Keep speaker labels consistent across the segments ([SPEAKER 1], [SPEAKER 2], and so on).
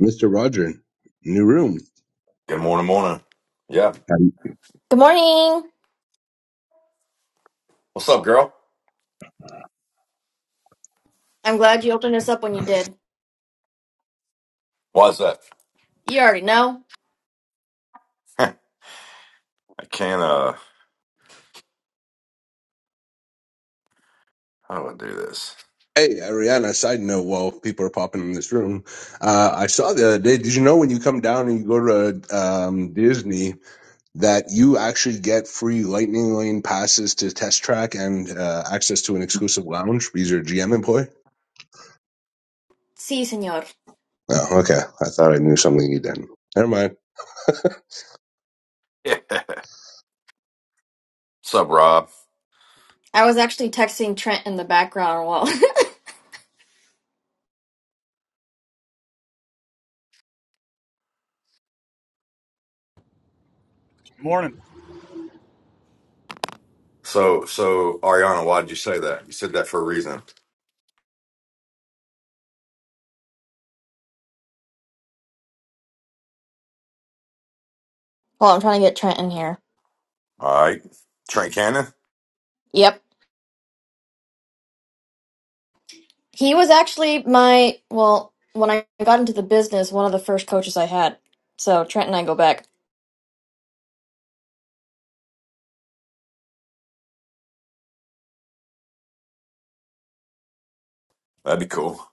[SPEAKER 1] Mr. Roger, new room.
[SPEAKER 2] Good morning, morning. Yeah.
[SPEAKER 1] Um,
[SPEAKER 3] Good morning.
[SPEAKER 2] What's up, girl?
[SPEAKER 3] I'm glad you opened us up when you did.
[SPEAKER 2] Why is that?
[SPEAKER 3] You already know.
[SPEAKER 2] I can't, uh, how do I do this?
[SPEAKER 1] Hey, Ariana, side note while people are popping in this room, uh, I saw the other day, did you know when you come down and you go to um, Disney that you actually get free Lightning Lane passes to Test Track and uh, access to an exclusive lounge because you're a GM employee?
[SPEAKER 3] Si, senor.
[SPEAKER 1] Oh, okay. I thought I knew something you didn't. Never mind.
[SPEAKER 2] Yeah. What's up, Rob?
[SPEAKER 3] I was actually texting Trent in the background while
[SPEAKER 4] Morning.
[SPEAKER 2] So, so, Ariana, why did you say that? You said that for a reason.
[SPEAKER 3] while I'm trying to get Trent in here.
[SPEAKER 2] All right. Trent Cannon?
[SPEAKER 3] Yep. He was actually my well, when I got into the business, one of the first coaches I had. So Trent and I go back.
[SPEAKER 2] That'd be cool.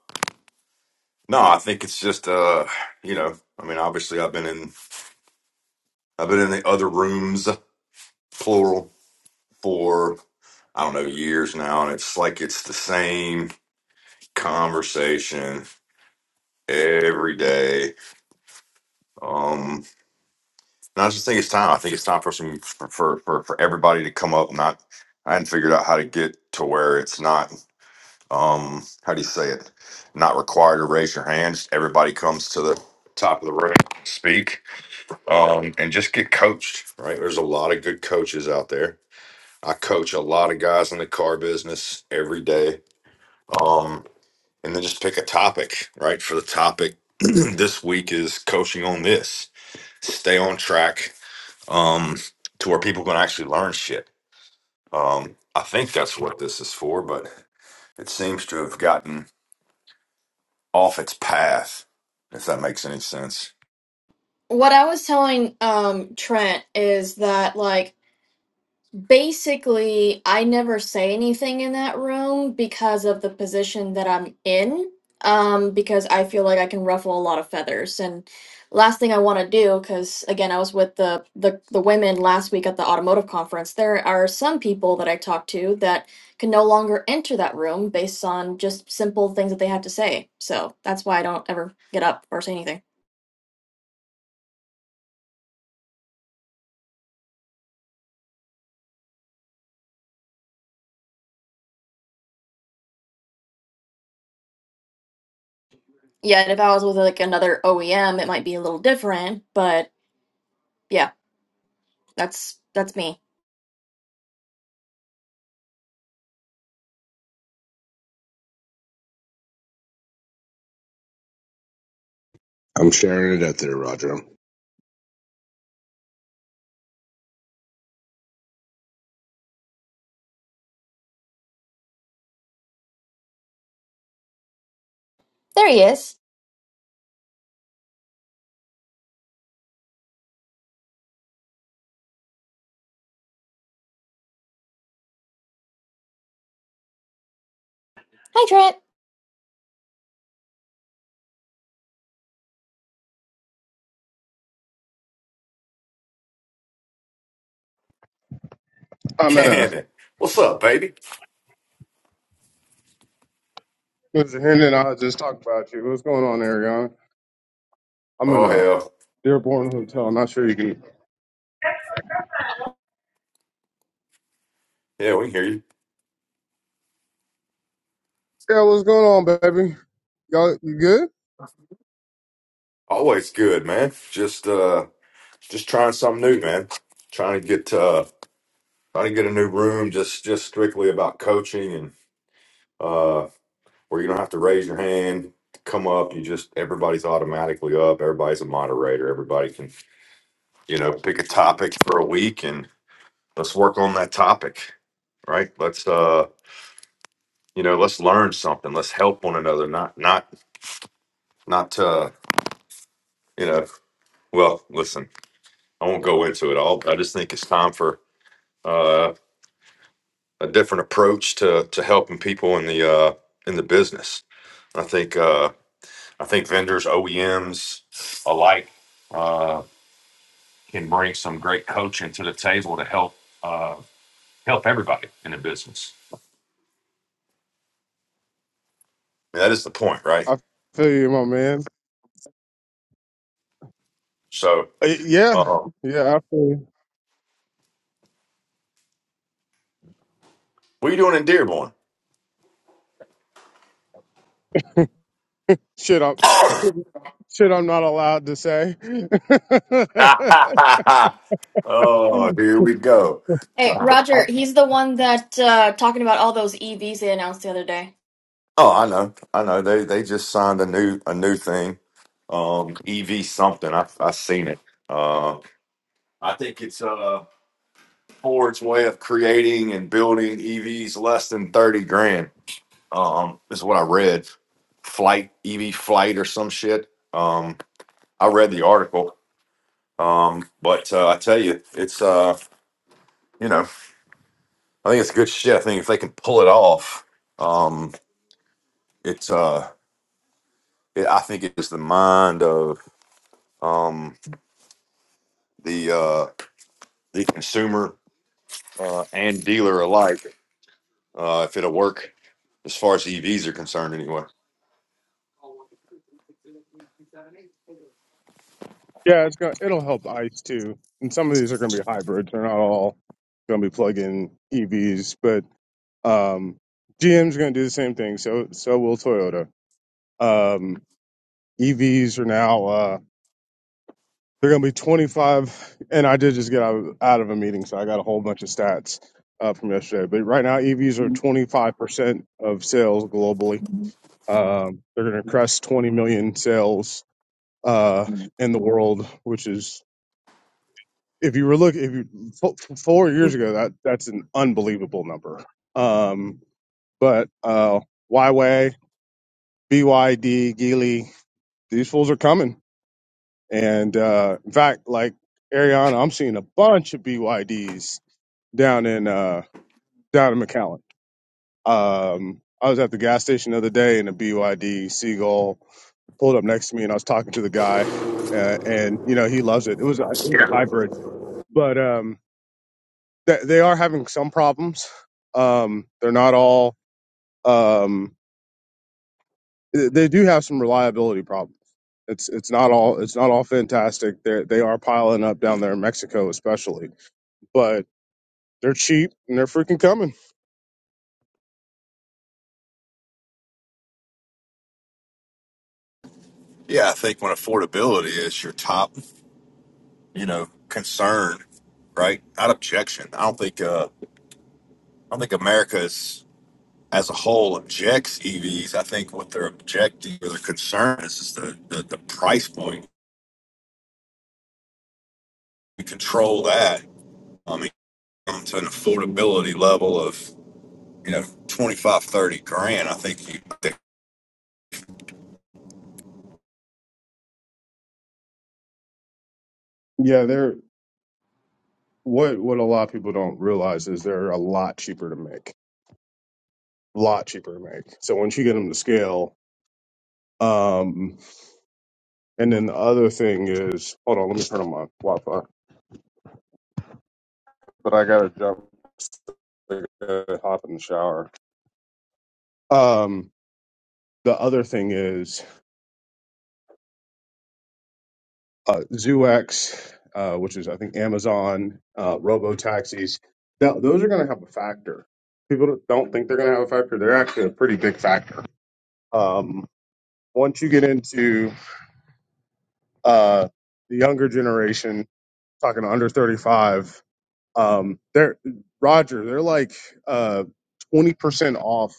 [SPEAKER 2] No, I think it's just, uh, you know, I mean, obviously I've been in, I've been in the other rooms, plural, for, I don't know, years now. And it's like, it's the same conversation every day. Um. And I just think it's time. I think it's time for some for for for, for everybody to come up. Not I hadn't figured out how to get to where it's not um how do you say it? Not required to raise your hands. Everybody comes to the top of the room, speak, um, and just get coached. Right? There's a lot of good coaches out there. I coach a lot of guys in the car business every day. Um, and then just pick a topic, right? For the topic this week is coaching on this. Stay on track um, to where people can actually learn shit. Um, I think that's what this is for, but it seems to have gotten off its path, if that makes any sense.
[SPEAKER 3] What I was telling um Trent is that like Basically, I never say anything in that room because of the position that I'm in, um, because I feel like I can ruffle a lot of feathers. And last thing I want to do, because again, I was with the, the the women last week at the automotive conference. There are some people that I talk to that can no longer enter that room based on just simple things that they have to say. So that's why I don't ever get up or say anything. Yeah, and if I was with like another OEM, it might be a little different, but yeah, that's that's me.
[SPEAKER 1] I'm sharing it out there, Roger.
[SPEAKER 3] There he is.
[SPEAKER 5] I'm in a
[SPEAKER 2] Cannon, what's up, baby?
[SPEAKER 5] listen, Henry and I just talked about you. What's going on, Ariana? I'm in
[SPEAKER 2] Oh
[SPEAKER 5] a
[SPEAKER 2] hell,
[SPEAKER 5] Dearborn hotel. I'm not sure you can.
[SPEAKER 2] yeah, we can hear you.
[SPEAKER 5] Yeah, what's going on, baby? Y'all, you good?
[SPEAKER 2] Always good, man. Just uh, just trying something new, man. Trying to get uh, trying to get a new room, just just strictly about coaching and uh, where you don't have to raise your hand, to come up. You just everybody's automatically up. Everybody's a moderator. Everybody can you know pick a topic for a week and let's work on that topic right let's uh you know let's learn something let's help one another not not not to you know well listen i won't go into it all but i just think it's time for uh a different approach to to helping people in the uh in the business i think uh i think vendors oems alike uh can bring some great coaching to the table to help uh help everybody in the business that is the point right
[SPEAKER 5] I feel you, my man.
[SPEAKER 2] so
[SPEAKER 5] Uh, yeah,
[SPEAKER 2] Um,
[SPEAKER 5] yeah. I feel you.
[SPEAKER 2] what are you doing in Dearborn?
[SPEAKER 5] shit. I'm shit. I'm not allowed to say. yeah,
[SPEAKER 2] oh, here we go.
[SPEAKER 3] Hey,
[SPEAKER 2] Uh, I-
[SPEAKER 3] Roger, he's the one that uh talking about all those EVs they announced the other day.
[SPEAKER 2] oh, I know, I know. They they just signed a new a new thing, um, EV something. I I seen it. Uh, I think it's uh Ford's way of creating and building EVs less than thirty grand. Um, is what I read. Flight EV flight or some shit. Um, I read the article. Um, but uh, I tell you, it's uh, you know. I think it's good shit. I think if they can pull it off, um, it's uh, it, I think it is the mind of um the uh the consumer uh, and dealer alike. Uh, if it'll work as far as EVs are concerned, anyway.
[SPEAKER 5] it's gonna. It'll help ice too. And some of these are gonna be hybrids. They're not all gonna be plug-in EVs, but um, GM's gonna do the same thing. So so will Toyota. Um, EVs are now uh, they're going to be 25. And I did just get out of, out of a meeting, so I got a whole bunch of stats uh, from yesterday. But right now, EVs are 25 percent of sales globally. Um, they're going to crest 20 million sales uh, in the world, which is if you were look if you fo- four years ago that that's an unbelievable number. Um, but uh, Huawei, BYD, Geely, these fools are coming And uh, in fact, like Ariana, I'm seeing a bunch of BYDs down in uh, down in McAllen. Um, I was at the gas station the other day, and a BYD Seagull pulled up next to me, and I was talking to the guy, uh, and you know he loves it. It was a, it was a hybrid, but um, th- they are having some problems. Um, they're not all. Um, th- they do have some reliability problems. It's it's not all it's not all fantastic. They they are piling up down there in Mexico, especially but. They're cheap and they're freaking coming.
[SPEAKER 2] Yeah, I think when affordability is your top, you know, concern, right? Not objection. I don't think uh I don't think America is as a whole objects EVs. I think what they're objecting or their concern is is the, the, the price point. and control that, I mean, um, to an affordability level of, you know, 25 30 grand, I think you, I think
[SPEAKER 5] Yeah, they're what what a lot of people don't realize is they're a lot cheaper to make. A lot cheaper to make. So once you get them to scale, um and then the other thing is hold on, let me turn on my Wi-Fi. But I gotta jump I gotta hop in the shower. Um the other thing is uh ZooX, uh, which is I think Amazon, uh robo taxis. Now those are gonna have a factor. People don't think they're gonna have a factor. They're actually a pretty big factor. Um Once you get into uh, the younger generation, talking to under 35, um, they're Roger, they're like uh, 20% off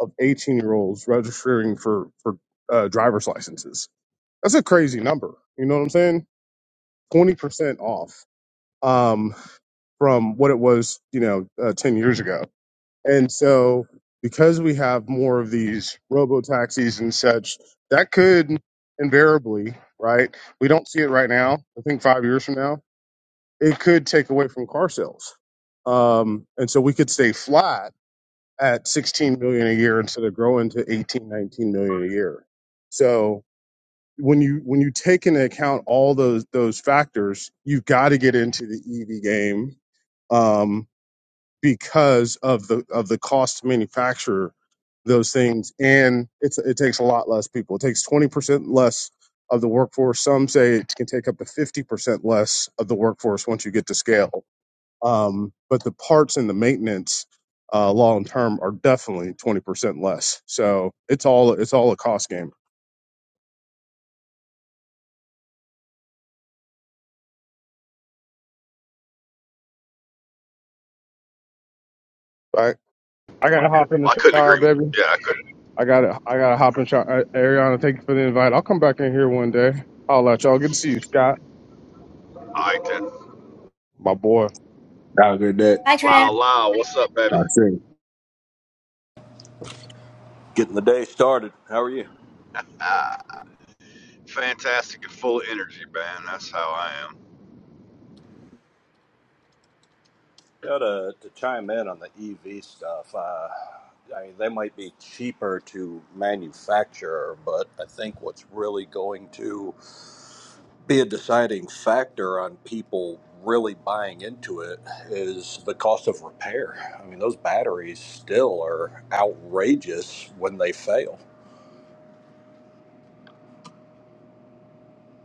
[SPEAKER 5] of 18 year olds registering for, for uh, driver's licenses. That's a crazy number. You know what I'm saying? 20% off um, from what it was, you know, uh, 10 years ago. And so, because we have more of these robo taxis and such, that could invariably, right? We don't see it right now. I think five years from now, it could take away from car sales. Um, and so we could stay flat at 16 million a year instead of growing to 18, 19 million a year. So when you when you take into account all those those factors, you've got to get into the EV game. Um, because of the of the cost to manufacture those things and it's it takes a lot less people it takes 20% less of the workforce some say it can take up to 50% less of the workforce once you get to scale um, but the parts and the maintenance uh, long term are definitely 20% less so it's all it's all a cost game right i gotta hop in the
[SPEAKER 2] I couldn't
[SPEAKER 5] shower
[SPEAKER 2] agree.
[SPEAKER 5] baby
[SPEAKER 2] Yeah, I couldn't.
[SPEAKER 5] i gotta i gotta hop in the shower Uh, ariana thank you for the invite i'll come back in here one day i'll let y'all good to see you scott
[SPEAKER 2] All right, then.
[SPEAKER 5] my boy
[SPEAKER 1] Have a good day.
[SPEAKER 3] Hi, Trent.
[SPEAKER 2] Lyle, Lyle, what's up, baby?
[SPEAKER 1] Talk soon.
[SPEAKER 6] Getting the day started. How are you?
[SPEAKER 2] Ah, fantastic and full of energy, man. That's how I am.
[SPEAKER 6] Yeah, to, to chime in on the EV stuff, uh, I mean, they might be cheaper to manufacture, but I think what's really going to be a deciding factor on people really buying into it is the cost of repair. I mean, those batteries still are outrageous when they fail.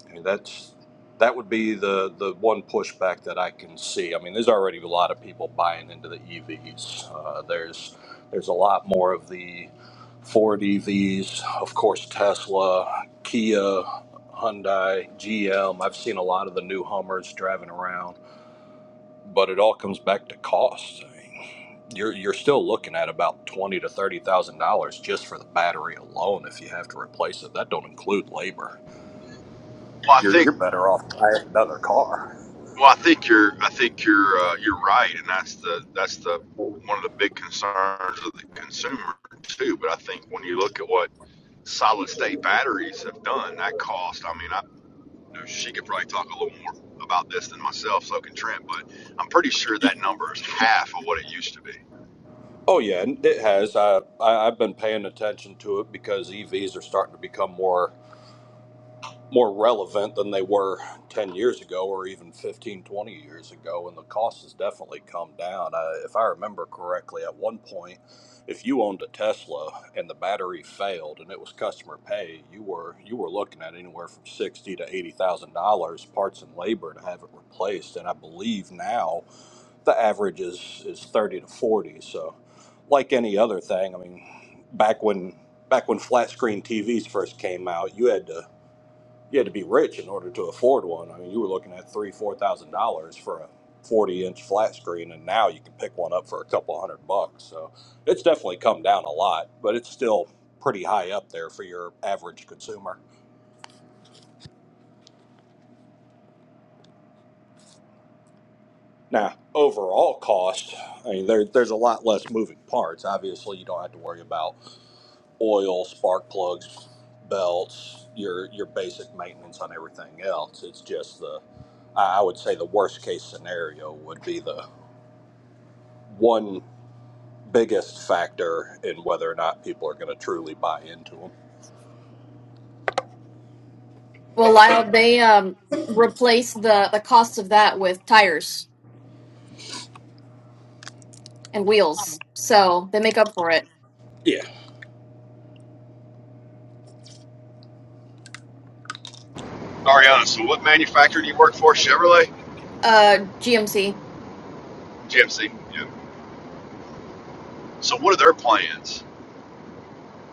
[SPEAKER 6] I mean, that's that would be the the one pushback that I can see. I mean, there's already a lot of people buying into the EVs. Uh, there's there's a lot more of the Ford EVs, of course, Tesla, Kia, Hyundai, GM. I've seen a lot of the new Hummers driving around, but it all comes back to cost. I mean, you're you're still looking at about twenty to thirty thousand dollars just for the battery alone if you have to replace it. That don't include labor.
[SPEAKER 2] Well, I
[SPEAKER 6] You're
[SPEAKER 2] think.
[SPEAKER 6] you're better off buying another car.
[SPEAKER 2] Well, I think you're. I think you're. Uh, you're right, and that's the. That's the one of the big concerns of the consumer too. But I think when you look at what solid state batteries have done, that cost. I mean, I. she could probably talk a little more about this than myself, so can Trent, but I'm pretty sure that number is half of what it used to be.
[SPEAKER 6] Oh yeah, and it has. I, I I've been paying attention to it because EVs are starting to become more more relevant than they were 10 years ago or even 15, 20 years ago and the cost has definitely come down. Uh, if I remember correctly, at one point if you owned a Tesla and the battery failed and it was customer pay, you were you were looking at anywhere from 60 to $80,000 parts and labor to have it replaced and I believe now the average is is 30 to 40 so like any other thing i mean back when back when flat screen tvs first came out you had to you had to be rich in order to afford one i mean you were looking at three four thousand dollars for a 40 inch flat screen and now you can pick one up for a couple hundred bucks so it's definitely come down a lot but it's still pretty high up there for your average consumer now overall cost i mean there, there's a lot less moving parts obviously you don't have to worry about oil, spark plugs, belts, your your basic maintenance on everything else. It's just the I would say the worst case scenario would be the one biggest factor in whether or not people are going to truly buy into them.
[SPEAKER 3] Well, Lyle, they um replace the the cost of that with tires and wheels. So, they make up for it.
[SPEAKER 6] Yeah.
[SPEAKER 2] Ariana, so what manufacturer do you work for? Chevrolet?
[SPEAKER 3] Uh GMC.
[SPEAKER 2] GMC. Yeah. So what are their plans?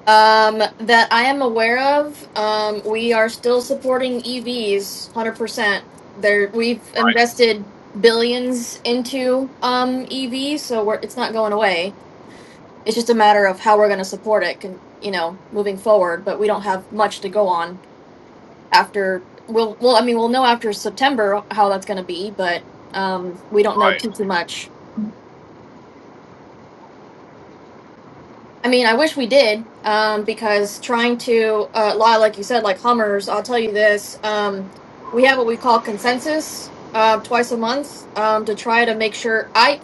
[SPEAKER 3] Um that I am aware of, um we are still supporting EVs 100%. There we've
[SPEAKER 2] Right.
[SPEAKER 3] invested billions into um EVs, so we're it's not going away. It's just a matter of how we're going to support it, con- you know, moving forward. But we don't have much to go on after. We'll, well, I mean, we'll know after September how that's going to be, but um, we don't know
[SPEAKER 2] Right,
[SPEAKER 3] too too much. I mean, I wish we did, um, because trying to, uh, lie, like you said, like Hummers, I'll tell you this, um, we have what we call consensus, uh, twice a month, um, to try to make sure I,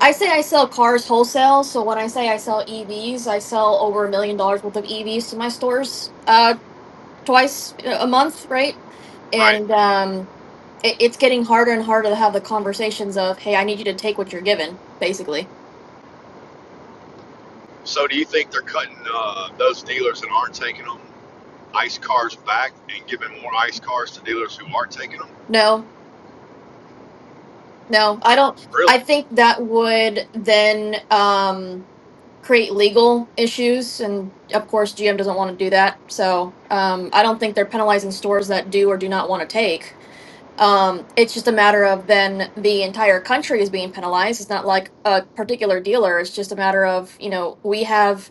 [SPEAKER 3] I say I sell cars wholesale. So when I say I sell EVs, I sell over a million dollars worth of EVs to my stores, uh, twice uh, a month, right?
[SPEAKER 2] right.
[SPEAKER 3] And um, it, it's getting harder and harder to have the conversations of, hey, I need you to take what you're given, basically.
[SPEAKER 2] So do you think they're cutting uh, those dealers that aren't taking them ICE cars back and giving more ICE cars to dealers who are taking them?
[SPEAKER 3] No, no, I don't. I
[SPEAKER 2] Really?
[SPEAKER 3] think that would then um, create legal issues. And of course, GM doesn't want to do that. So um, I don't think they're penalizing stores that do or do not want to take. Um, it's just a matter of then the entire country is being penalized. It's not like a particular dealer. It's just a matter of, you know, we have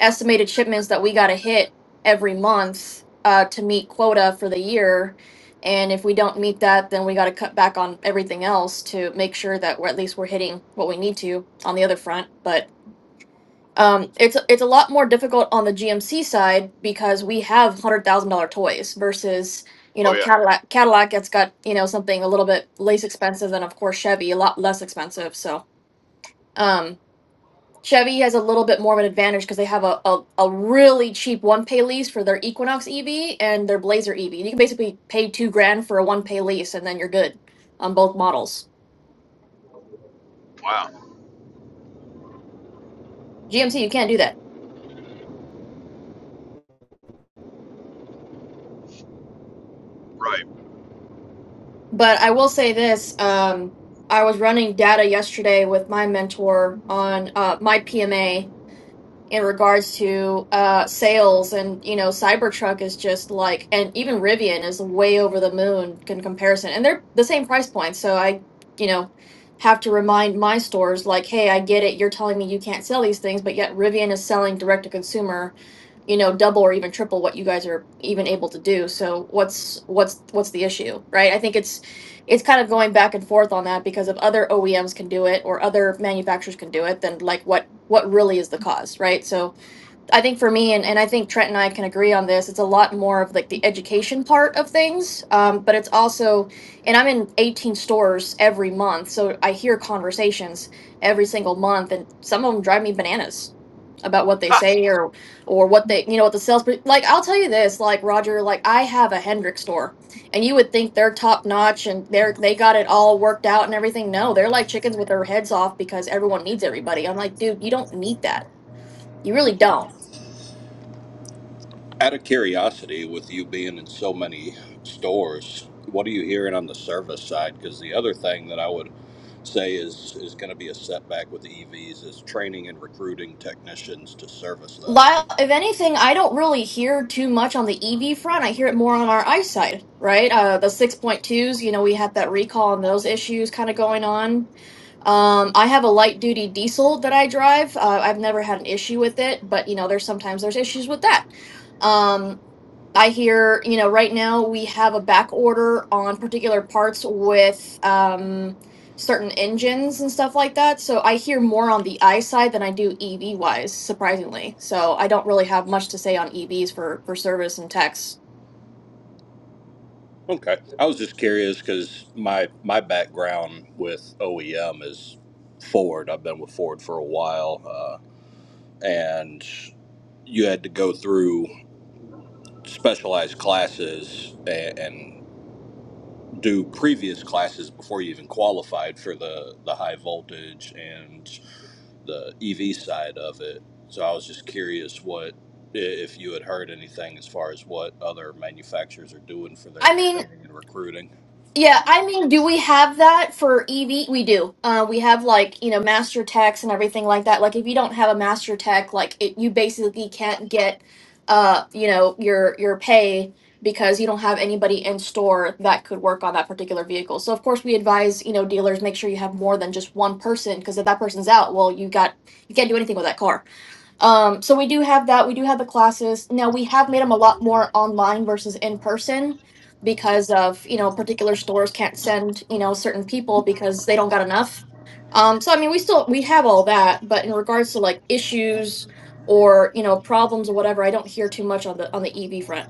[SPEAKER 3] estimated shipments that we got to hit every month uh, to meet quota for the year. And if we don't meet that, then we got to cut back on everything else to make sure that we're at least we're hitting what we need to on the other front. But um, it's it's a lot more difficult on the GMC side because we have hundred thousand dollar toys versus you
[SPEAKER 2] Oh
[SPEAKER 3] know
[SPEAKER 2] yeah.
[SPEAKER 3] Cadillac. Cadillac that's got you know something a little bit less expensive, and of course Chevy a lot less expensive. So. Um, Chevy has a little bit more of an advantage because they have a, a, a really cheap one pay lease for their Equinox EV and their Blazer EV. You can basically pay two grand for a one pay lease and then you're good on both models.
[SPEAKER 2] Wow.
[SPEAKER 3] GMC, you can't do that.
[SPEAKER 2] Right.
[SPEAKER 3] But I will say this um, I was running data yesterday with my mentor on uh, my PMA in regards to uh sales and you know Cybertruck is just like and even Rivian is way over the moon in comparison and they're the same price point so I you know have to remind my stores like hey I get it you're telling me you can't sell these things but yet Rivian is selling direct to consumer you know double or even triple what you guys are even able to do so what's what's what's the issue right i think it's it's kind of going back and forth on that because if other oems can do it or other manufacturers can do it then like what what really is the cause right so I think for me, and, and I think Trent and I can agree on this, it's a lot more of like the education part of things. Um, but it's also, and I'm in 18 stores every month. So I hear conversations every single month, and some of them drive me bananas about what they
[SPEAKER 2] Ha!
[SPEAKER 3] say or or what they you know what the sales like i'll tell you this like roger like i have a hendrick store and you would think they're top notch and they're they got it all worked out and everything no they're like chickens with their heads off because everyone needs everybody i'm like dude you don't need that you really don't
[SPEAKER 6] Out of curiosity, with you being in so many stores, what are you hearing on the service side? Because the other thing that I would say is is going to be a setback with EVs is training and recruiting technicians to service them
[SPEAKER 3] Lyle, if anything, I don't really hear too much on the EV front. I hear it more on our ICE side, right? Uh, the 6.2s, you know, we had that recall and those issues kind of going on. Um, I have a light duty diesel that I drive. Uh, I've never had an issue with it, but you know, there's sometimes there's issues with that. Um, I hear, you know, right now we have a back order on particular parts with um, certain engines and stuff like that. So I hear more on the I side than I do EV wise, surprisingly. So I don't really have much to say on EVs for for service and techs.
[SPEAKER 6] Okay. I was just curious because my my background with OEM is Ford. I've been with Ford for a while, uh, and you had to go through specialized classes and, and do previous classes before you even qualified for the the high voltage and the EV side of it. So I was just curious what i- if you had heard anything as far as what other manufacturers are doing for their
[SPEAKER 3] I mean,
[SPEAKER 6] training and recruiting.
[SPEAKER 3] Yeah, I mean, do we have that for EV? We do. Uh, we have like, you know, master techs and everything like that. Like if you don't have a master tech, like it, you basically can't get uh, you know, your your pay because you don't have anybody in store that could work on that particular vehicle. So of course we advise, you know, dealers make sure you have more than just one person because if that person's out, well, you got you can't do anything with that car. Um, so we do have that. We do have the classes. Now we have made them a lot more online versus in person because of, you know, particular stores can't send, you know, certain people because they don't got enough. Um, so I mean, we still we have all that, but in regards to like issues or, you know, problems or whatever, I don't hear too much on the on the EV front.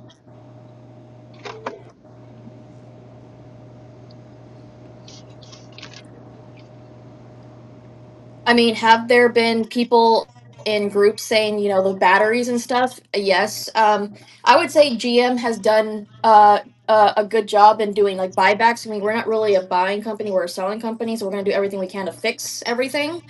[SPEAKER 3] I mean, have there been people in groups saying, you know, the batteries and stuff? Yes. Um, I would say GM has done uh, uh, a good job in doing like buybacks. I mean, we're not really a buying company, we're a selling company, so we're going to do everything we can to fix everything.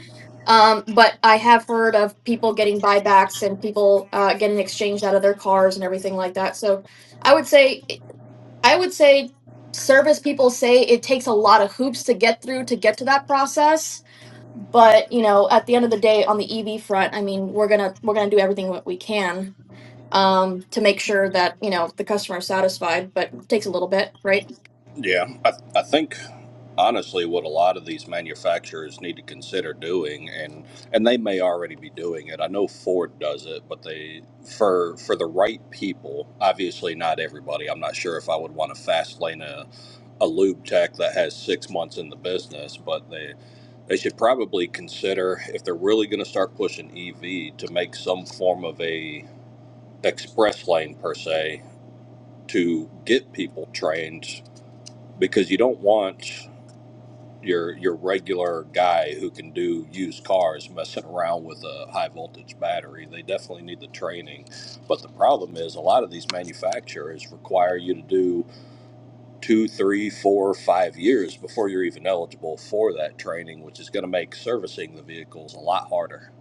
[SPEAKER 3] Um, but I have heard of people getting buybacks and people uh, getting exchanged out of their cars and everything like that. So I would say, I would say, service people say it takes a lot of hoops to get through to get to that process but you know at the end of the day on the ev front i mean we're gonna we're gonna do everything that we can um to make sure that you know the customer is satisfied but it takes a little bit right
[SPEAKER 6] Yeah, I, I think. honestly what a lot of these manufacturers need to consider doing and and they may already be doing it. I know Ford does it, but they for for the right people, obviously not everybody. I'm not sure if I would want to fast lane a, a lube tech that has six months in the business, but they they should probably consider if they're really going to start pushing EV to make some form of a express lane per se to get people trained because you don't want your your regular guy who can do used cars messing around with a high voltage battery. They definitely need the training, but the problem is a lot of these manufacturers require you to do two, three, four, five years before you're even eligible for that training, which is going to make servicing the vehicles a lot harder.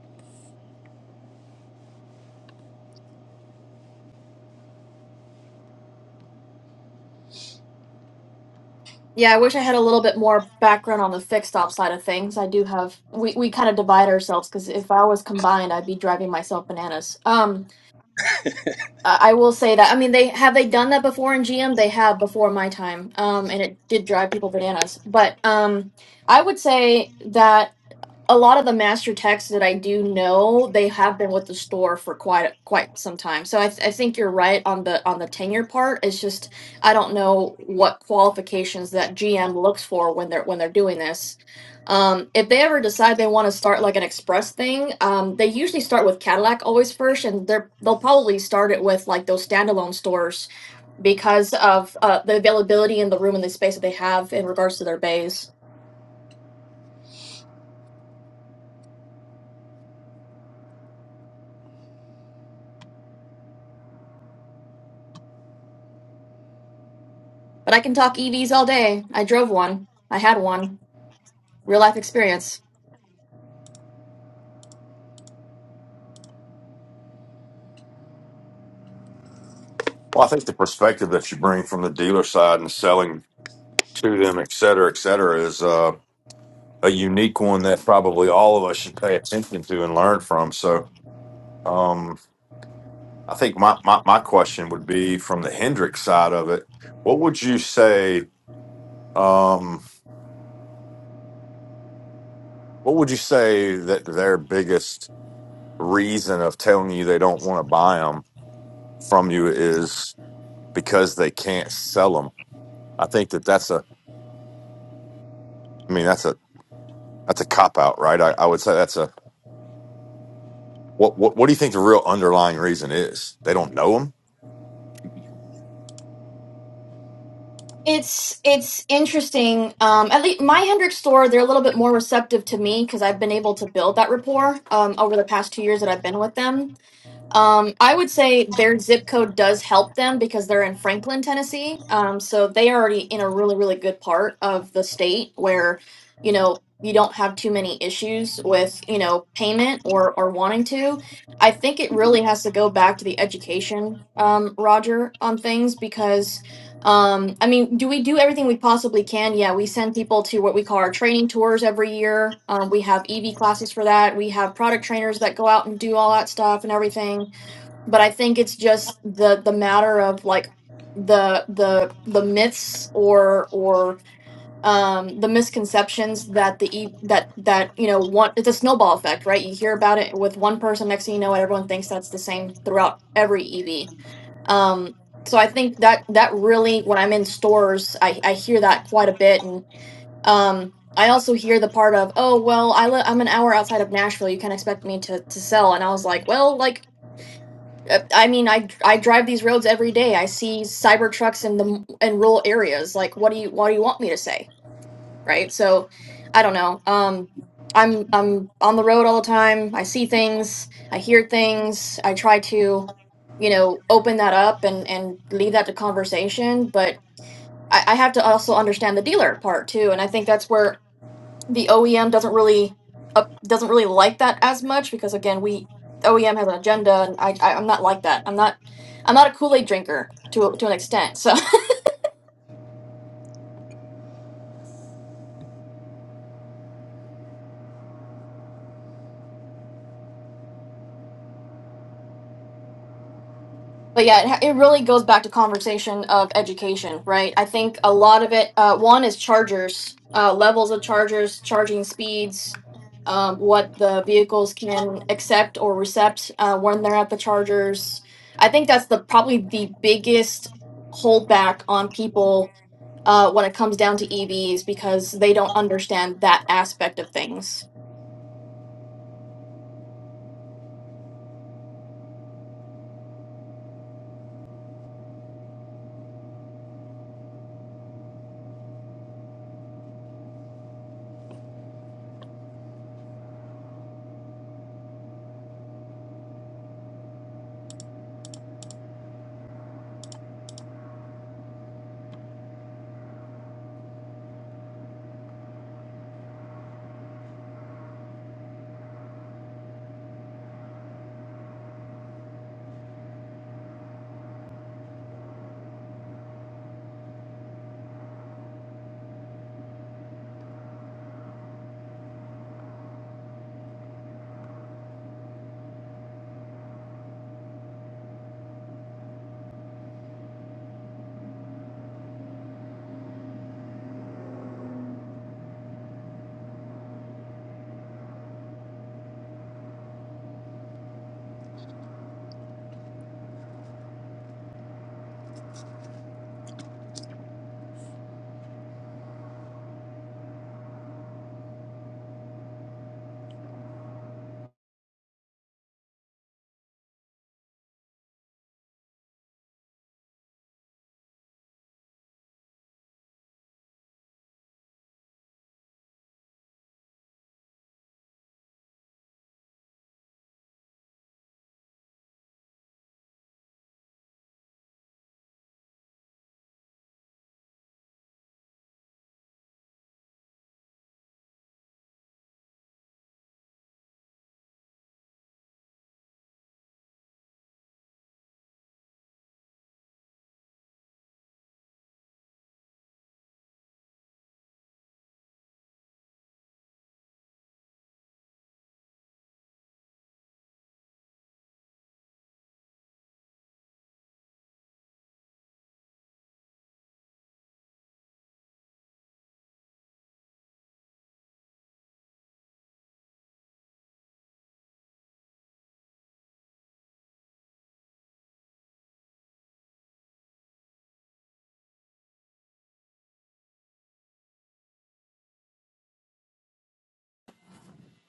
[SPEAKER 3] yeah i wish i had a little bit more background on the fixed op side of things i do have we, we kind of divide ourselves because if i was combined i'd be driving myself bananas um i I will say that i mean they have they done that before in gm they have before my time um and it did drive people bananas but um i would say that a lot of the master texts that I do know, they have been with the store for quite a- quite some time. So I, th- I think you're right on the on the tenure part. It's just I don't know what qualifications that GM looks for when they're when they're doing this. Um, if they ever decide they want to start like an express thing, um, they usually start with Cadillac always first, and they're they'll probably start it with like those standalone stores because of uh, the availability and the room and the space that they have in regards to their bays. But I can talk EVs all day. I drove one. I had one. Real life experience.
[SPEAKER 2] Well, I think the perspective that you bring from the dealer side and selling to them, et cetera, et cetera, is a unique one that probably all of us should pay attention to and learn from. So, um, I think my, my, my question would be from the Hendrix side of it. What would you say? Um, what would you say that their biggest reason of telling you they don't want to buy them from you is because they can't sell them? I think that that's a. I mean, that's a that's a cop out, right? I, I would say that's a. What, what what do you think the real underlying reason is? They don't know them.
[SPEAKER 3] It's it's interesting. Um, at least my Hendrick store, they're a little bit more receptive to me because I've been able to build that rapport um, over the past two years that I've been with them. Um, I would say their zip code does help them because they're in Franklin, Tennessee. Um, so they are already in a really, really good part of the state where, you know, you don't have too many issues with, you know, payment or or wanting to. I think it really has to go back to the education, um, Roger, on things because, um, I mean, do we do everything we possibly can? Yeah, we send people to what we call our training tours every year. Um, we have EV classes for that. We have product trainers that go out and do all that stuff and everything but I think it's just the the matter of like the the the myths or or um the misconceptions that the e- that that you know one it's a snowball effect right you hear about it with one person next thing you know everyone thinks that's the same throughout every ev um so i think that that really when i'm in stores i i hear that quite a bit and um i also hear the part of oh well i li- i'm an hour outside of nashville you can not expect me to to sell and i was like well like uh, I mean, I I drive these roads every day. I see cyber trucks in the m- in rural areas. Like, what do you what do you want me to say, right? So, I don't know. Um, I'm I'm on the road all the time. I see things. I hear things. I try to, you know, open that up and and leave that to conversation. But I, I have to also understand the dealer part too. And I think that's where the OEM doesn't really uh, doesn't really like that as much because again we OEM has an agenda and I, I I'm not like that I'm not I'm not a Kool Aid drinker to a- to an extent so but yeah, it, ha- it really goes back to conversation of education, right? I think a lot of it, uh, one is chargers, uh, levels of chargers, charging speeds, um, what the vehicles can accept or recept uh, when they're at the chargers. I think that's the probably the biggest holdback on people uh, when it comes down to EVs because they don't understand that aspect of things.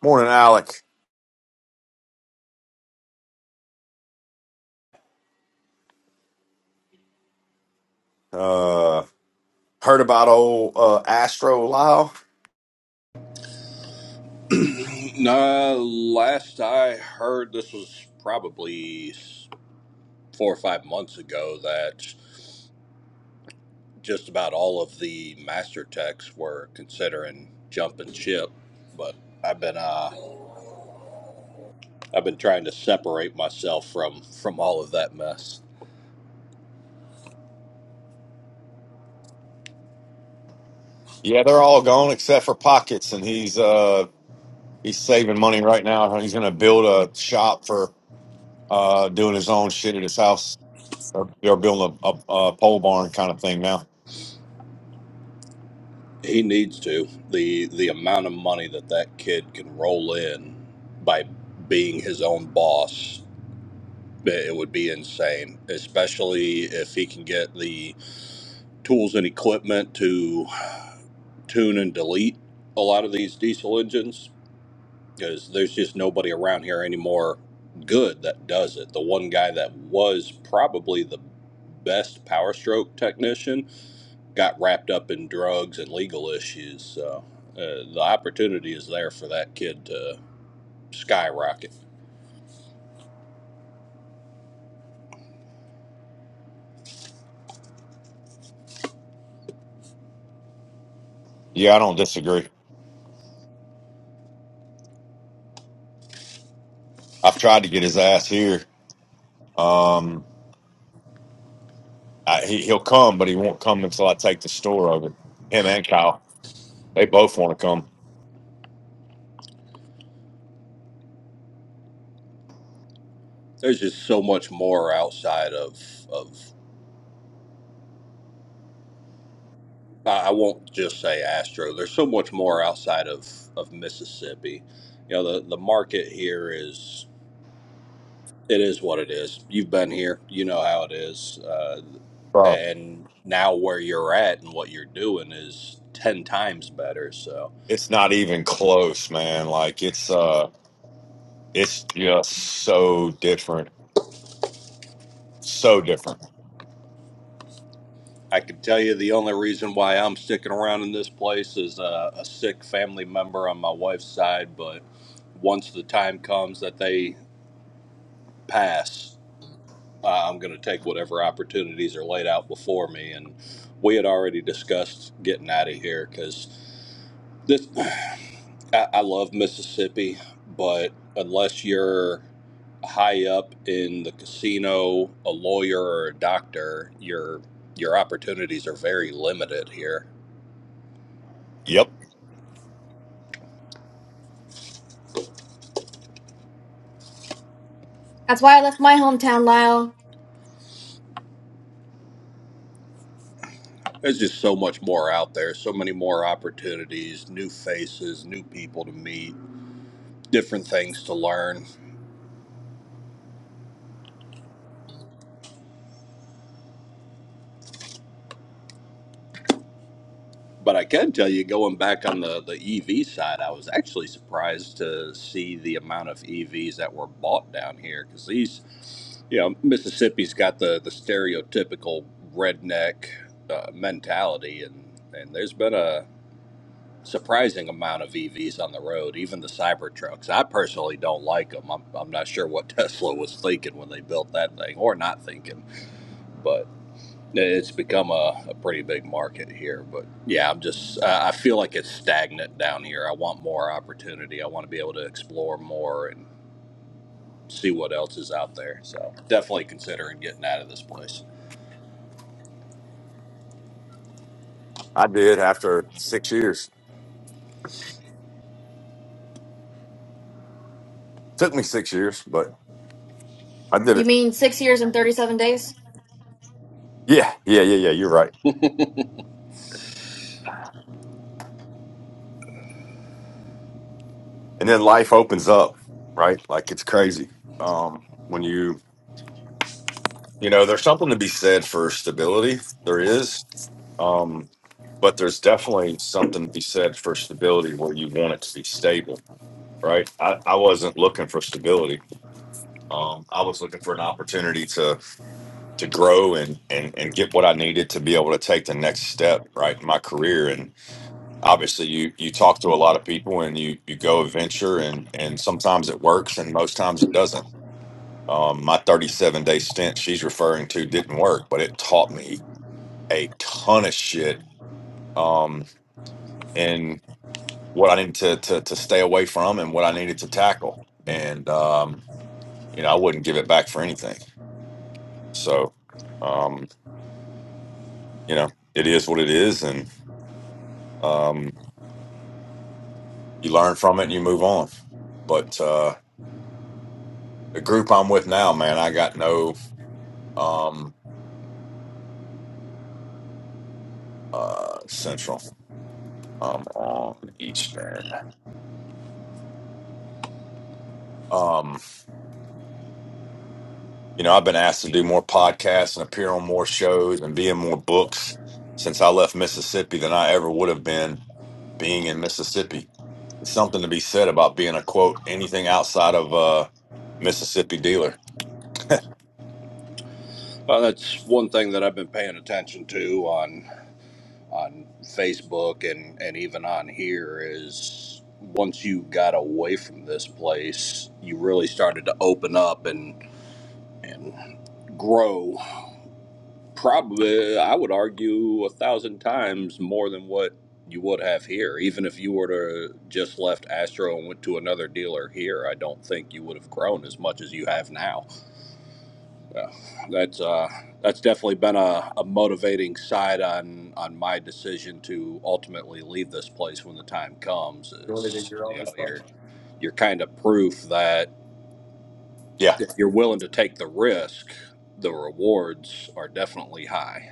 [SPEAKER 2] Morning, Alec. Uh, Heard about old uh, Astro Lyle?
[SPEAKER 6] No, last I heard, this was probably four or five months ago that. just about all of the master techs were considering jumping ship, but I've been uh I've been trying to separate myself from from all of that mess.
[SPEAKER 2] Yeah, they're all gone except for Pockets, and he's uh he's saving money right now. He's gonna build a shop for uh doing his own shit at his house. They're, they're building a, a, a pole barn kind of thing now.
[SPEAKER 6] He needs to. The the amount of money that that kid can roll in by being his own boss, it it would be insane, especially if he can get the tools and equipment to tune and delete a lot of these diesel engines because there's just nobody around here anymore good that does it. The one guy that was probably the best power stroke technician got wrapped up in drugs and legal issues. So uh, the opportunity is there for that kid to skyrocket.
[SPEAKER 2] Yeah, I don't disagree. I've tried to get his ass here. Um, I, he, he'll come, but he won't come until I take the store over. Him and Kyle, they both want to come.
[SPEAKER 6] There's just so much more outside of of I I won't just say Astro. There's so much more outside of of Mississippi. You know the the market here is It is what it is. You've been here. You know how it is. Uh,
[SPEAKER 2] Bro,
[SPEAKER 6] and now where you're at and what you're doing is 10 times better. So
[SPEAKER 2] it's not even close, man. Like it's uh, it's just so different So different.
[SPEAKER 6] I can tell you the only reason why I'm sticking around in this place is a, a sick family member on my wife's side. But once the time comes that they pass, uh, I'm going to take whatever opportunities are laid out before me. And we had already discussed getting out of here because this. I, I love Mississippi, but unless you're high up in the casino, a lawyer or a doctor, your your opportunities are very limited here.
[SPEAKER 2] Yep.
[SPEAKER 3] That's why I left my hometown, Lyle.
[SPEAKER 6] There's just so much more out there, so many more opportunities, new faces, new people to meet, different things to learn. But I can tell you, going back on the, the EV side, I was actually surprised to see the amount of EVs that were bought down here because these, you know, Mississippi's got the, the stereotypical redneck uh, mentality, and, and there's been a surprising amount of EVs on the road, even the Cybertrucks. I personally don't like them. I'm, I'm not sure what Tesla was thinking when they built that thing or not thinking, but. It's become a, a pretty big market here, but yeah, I'm just I I feel like it's stagnant down here. I want more opportunity. I want to be able to explore more and see what else is out there. So definitely considering getting out of this place.
[SPEAKER 2] I did after six years. Took me six years, but I did
[SPEAKER 3] You
[SPEAKER 2] it.
[SPEAKER 3] mean six years and thirty-seven days?
[SPEAKER 2] Yeah, yeah, yeah, yeah. You're right. And then life opens up, right? Like it's crazy. Um, when you, you know, there's something to be said for stability. There is, um, but there's definitely something to be said for stability where you want it to be stable, right? I, I wasn't looking for stability. Um, I was looking for an opportunity to grow and, and and get what I needed to be able to take the next step right in my career. And obviously you you talk to a lot of people and you you go adventure and and sometimes it works and most times it doesn't. Um, my 37 day stint she's referring to didn't work, but it taught me a ton of shit um and what I needed to to to stay away from and what I needed to tackle. And um, you know, I wouldn't give it back for anything. So um, you know, it is what it is and um you learn from it and you move on. But uh, the group I'm with now, man, I got no um, uh, central um, on Eastern. Um, you know, I've been asked to do more podcasts and appear on more shows and be in more books since I left Mississippi than I ever would have been being in Mississippi. It's something to be said about being a quote anything outside of uh, Mississippi dealer.
[SPEAKER 6] Well, that's one thing that I've been paying attention to on on Facebook and and even on here is once you got away from this place, you really started to open up and and grow Probably, I would argue a thousand times more than what you would have here. Even if you were to just left Astro and went to another dealer here, I don't think you would have grown as much as you have now. Yeah, that's uh, that's definitely been a, a motivating side on on my decision to ultimately leave this place when the time comes. Is you know you're you're kind of proof that
[SPEAKER 2] Yeah.
[SPEAKER 6] if you're willing to take the risk, the rewards are definitely high.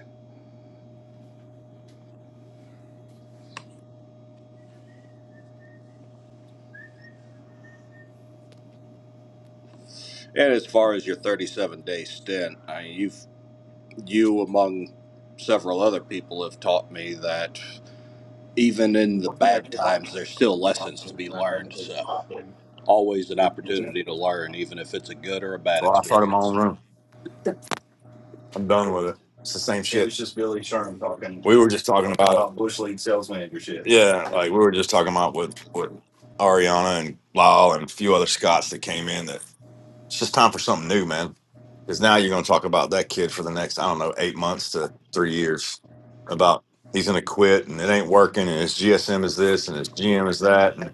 [SPEAKER 6] And as far as your 37 day stint, I, mean, you've you among several other people have taught me that even in the bad times, there's still lessons to be learned. So always an opportunity to learn, even if it's a good or a bad
[SPEAKER 2] Well, I started my
[SPEAKER 6] experience.
[SPEAKER 2] own room. I'm done with it. It's the same shit. We were just talking about yeah, like we were just talking about with with Ariana and Lyle and a few other Scots that came in. That it's just time for something new, man. Because now you're going to talk about that kid for the next I don't know eight months to three years about he's going to quit and it ain't working and his GSM is this and his GM is that. And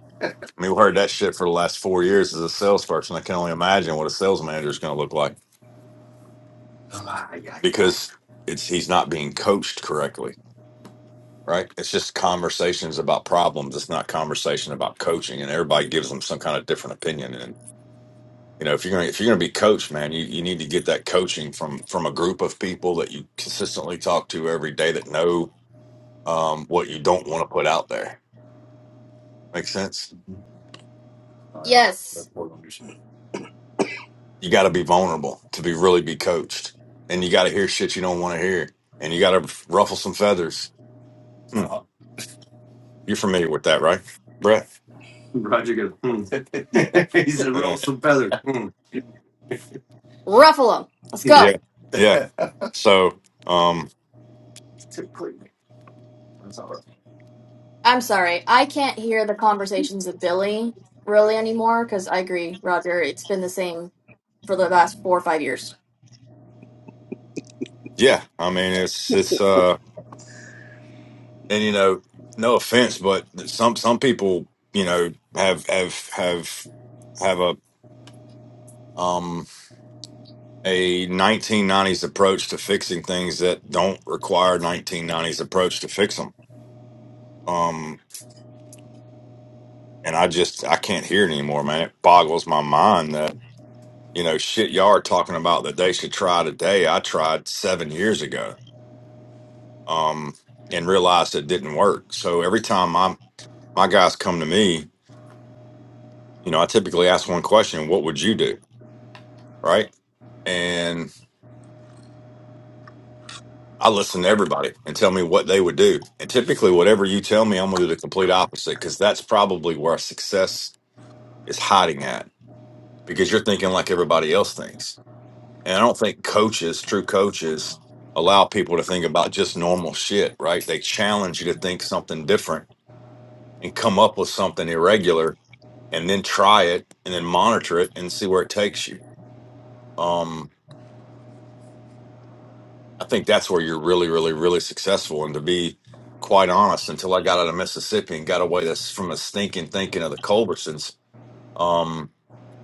[SPEAKER 2] I mean, we heard that shit for the last four years as a salesperson. I can only imagine what a sales manager is going to look like because it's he's not being coached correctly, right? It's just conversations about problems. It's not conversation about coaching, and everybody gives them some kind of different opinion. And you know, if you're gonna if you're gonna be coached, man, you, you need to get that coaching from from a group of people that you consistently talk to every day that know um, what you don't want to put out there. Makes sense.
[SPEAKER 3] Yes.
[SPEAKER 2] You got to be vulnerable to be really be coached, and you got to hear shit you don't want to hear, and you got to ruffle some feathers. Hmm. You're familiar with that, right, Brett?
[SPEAKER 3] Ruffalo, Let's go.
[SPEAKER 2] yeah. So, um,
[SPEAKER 3] I'm sorry. I can't hear the conversations of Billy really anymore because I agree, Roger. It's been the same for the last four or five years.
[SPEAKER 2] yeah, I mean, it's, it's, uh, and you know, no offense, but some, some people, you know, have, have, have, have a, um, a 1990s approach to fixing things that don't require 1990s approach to fix them. Um, and I just, I can't hear it anymore, man. It boggles my mind that, you know, shit y'all are talking about that they should try today. I tried seven years ago um, and realized it didn't work. So every time my my guys come to me, you know, I typically ask one question, what would you do? Right. And I listen to everybody and tell me what they would do. And typically, whatever you tell me, I'm going to do the complete opposite because that's probably where success is hiding at because you're thinking like everybody else thinks. And I don't think coaches, true coaches, allow people to think about just normal shit, right? They challenge you to think something different and come up with something irregular and then try it and then monitor it and see where it takes you. Um, I think that's where you're really, really, really successful. And to be quite honest, until I got out of Mississippi and got away this from the stinking thinking of the Culbersons, um,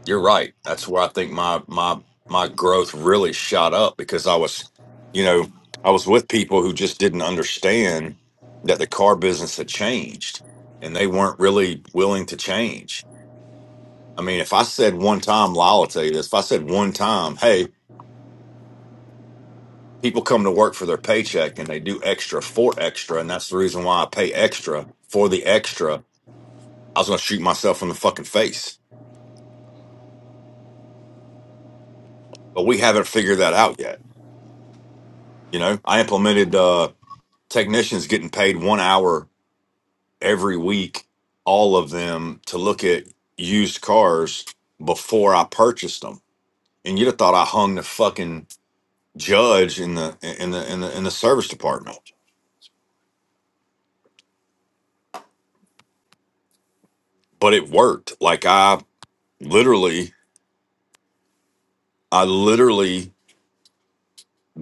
[SPEAKER 2] you're right. That's where I think my my my growth really shot up because I was, you know, I was with people who just didn't understand that the car business had changed and they weren't really willing to change I mean, if I said one time, Lyle will tell you this. If I said one time, hey, people come to work for their paycheck and they do extra for extra, and that's the reason why I pay extra for the extra, I was going to shoot myself in the fucking face. But we haven't figured that out yet. You know, I implemented uh, technicians getting paid one hour every week, all of them to look at used cars before I purchased them. And you'd have thought I hung the fucking judge in the in the in the in the service department but it worked. Like I literally, I literally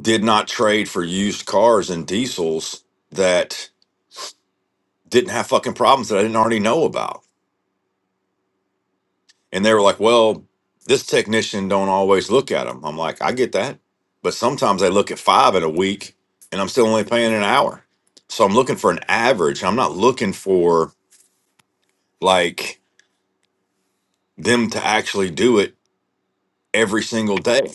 [SPEAKER 2] did not trade for used cars and diesels that didn't have fucking problems that I didn't already know about. And they were like, "Well, this technician don't always look at them." I'm like, "I get that, but sometimes I look at five in a week, and I'm still only paying an hour. So I'm looking for an average. I'm not looking for like them to actually do it every single day,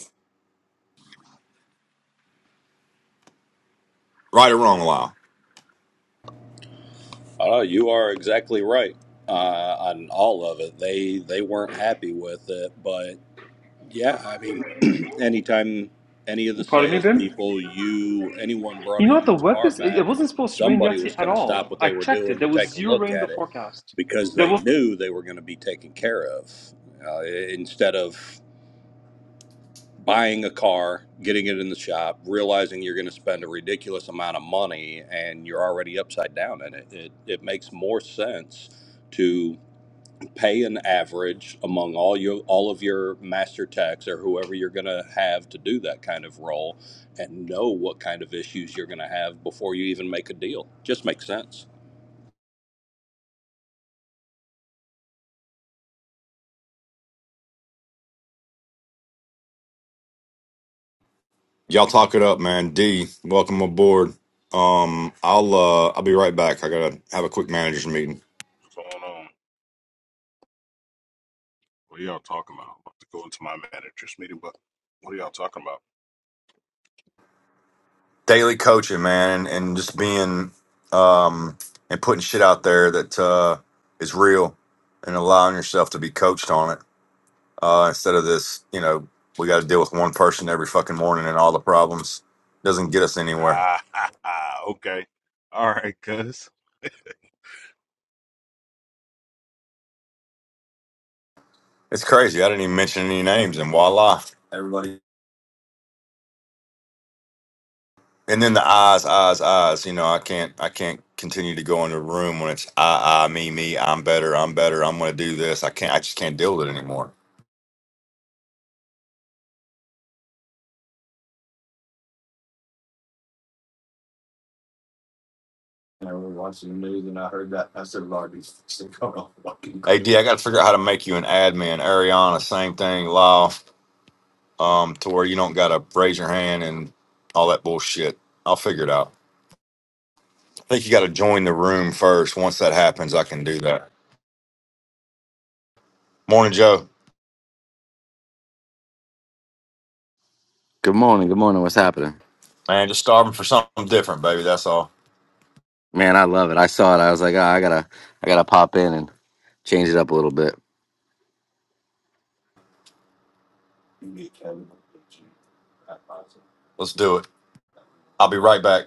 [SPEAKER 2] right or wrong, Lyle."
[SPEAKER 6] Uh, you are exactly right uh, on all of it. They they weren't happy with it, but. Yeah, I mean, anytime any of the
[SPEAKER 7] Pardon me, Ben.
[SPEAKER 6] salespeople, you, anyone brought
[SPEAKER 7] You
[SPEAKER 6] a
[SPEAKER 7] know what? The
[SPEAKER 6] used
[SPEAKER 7] weather
[SPEAKER 6] car
[SPEAKER 7] it it
[SPEAKER 6] back,
[SPEAKER 7] wasn't supposed to rain
[SPEAKER 6] somebody
[SPEAKER 7] yesterday
[SPEAKER 6] was
[SPEAKER 7] at
[SPEAKER 6] going to stop
[SPEAKER 7] all.
[SPEAKER 6] what
[SPEAKER 7] I
[SPEAKER 6] they were
[SPEAKER 7] checked it.
[SPEAKER 6] doing
[SPEAKER 7] There
[SPEAKER 6] to
[SPEAKER 7] was
[SPEAKER 6] take a
[SPEAKER 7] zero
[SPEAKER 6] look
[SPEAKER 7] rain in the
[SPEAKER 6] at it
[SPEAKER 7] forecast.
[SPEAKER 6] because
[SPEAKER 7] There
[SPEAKER 6] they
[SPEAKER 7] was.
[SPEAKER 6] knew they were going to be taken care of. Uh, instead of buying a car, getting it in the shop, realizing you're going to spend a ridiculous amount of money and you're already upside down in it, it, it makes more sense pay an average among all your all of your master techs or whoever you're going to have to do that kind of role and know what kind of issues you're going to have before you even make a deal just makes sense
[SPEAKER 2] Y'all talk it up, man. D, welcome aboard. Um, I'll uh, I'll be right back. I gotta have a quick managers meeting.
[SPEAKER 8] What's going on? What are y'all talking about? I'm about to go into my manager's meeting, but what are y'all talking about?
[SPEAKER 2] Daily coaching, man, and, and just being um and putting shit out there that uh is real and allowing yourself to be coached on it. Uh instead of this, you know, we gotta deal with one person every fucking morning and all the problems doesn't get us anywhere.
[SPEAKER 8] Ah, okay. All right, cuz.
[SPEAKER 2] It's crazy. I didn't even mention any names and voila. and then the eyes, eyes, eyes. You know, I can't, I can't continue to go in the room when it's I, I, me, me. I'm better. I'm better. I'm going to do this. I can't. I just can't deal with it anymore. Hey, D, crazy. I got to figure out how to make you an admin. Ariana, same thing. Law, um, to where you don't got to raise your hand and all that bullshit. I'll figure it out. I think you got to join the room first. Once that happens, I can do that. Morning, Joe.
[SPEAKER 9] Good morning. Good morning. What's happening?
[SPEAKER 2] Man, just starving for something different, baby. That's all.
[SPEAKER 9] Man, I love it. I saw it. I was like, ah, I gotta, I gotta pop in and change it up a little bit.
[SPEAKER 2] Let's do it. I'll be right back.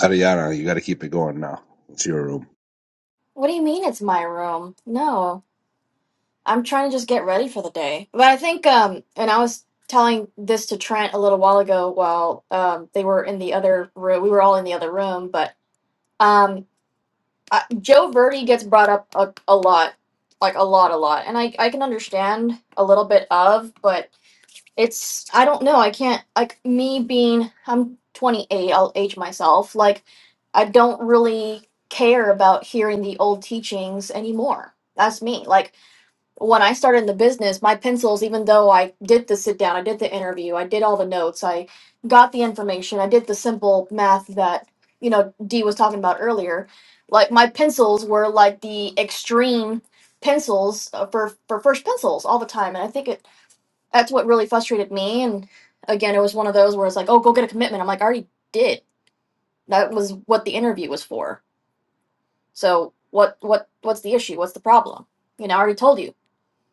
[SPEAKER 1] Ariana, you got to keep it going now. It's your room.
[SPEAKER 3] What do you mean it's my room? No. I'm trying to just get ready for the day. But I think, um, and I was telling this to Trent a little while ago while um, they were in the other room. We were all in the other room, but um, I, Joe Verdi gets brought up a, a lot, like a lot, a lot. And I, I can understand a little bit of, but it's i don't know i can't like me being i'm 28 i'll age myself like i don't really care about hearing the old teachings anymore that's me like when i started in the business my pencils even though i did the sit down i did the interview i did all the notes i got the information i did the simple math that you know dee was talking about earlier like my pencils were like the extreme pencils uh, for for first pencils all the time and i think it that's what really frustrated me. And again, it was one of those where it's like, oh, go get a commitment. I'm like, I already did. That was what the interview was for. So what what what's the issue? What's the problem? You know, I already told you.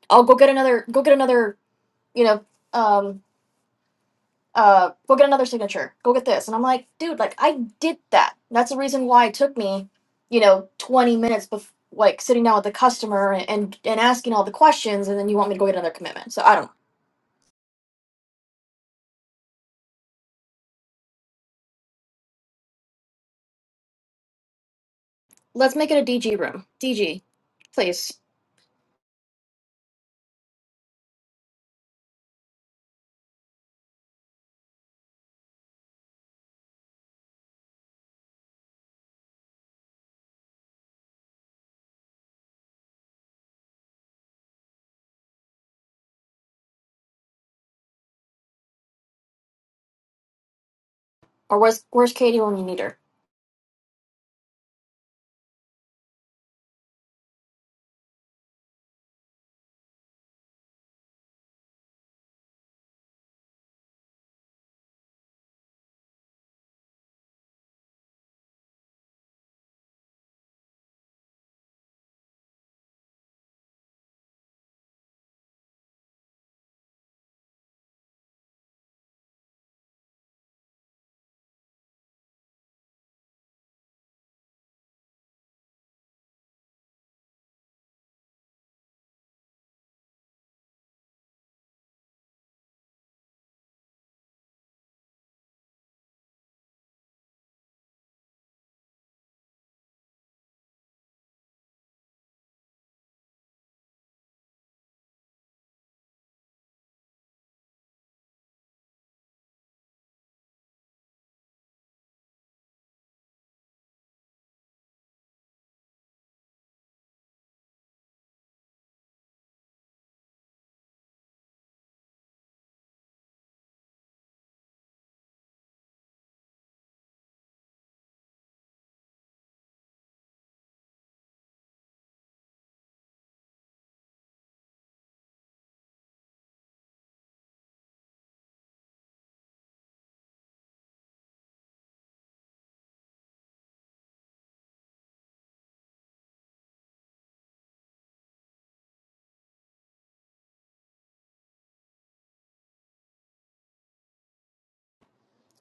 [SPEAKER 3] I'll go get another go get another, you know, um uh go get another signature. Go get this. And I'm like, dude, like I did that. That's the reason why it took me, you know, 20 minutes bef- like sitting down with the customer and, and and asking all the questions and then you want me to go get another commitment. So I don't know. Let's make it a DG room. DG, please. Or where's where's Katie when you need her?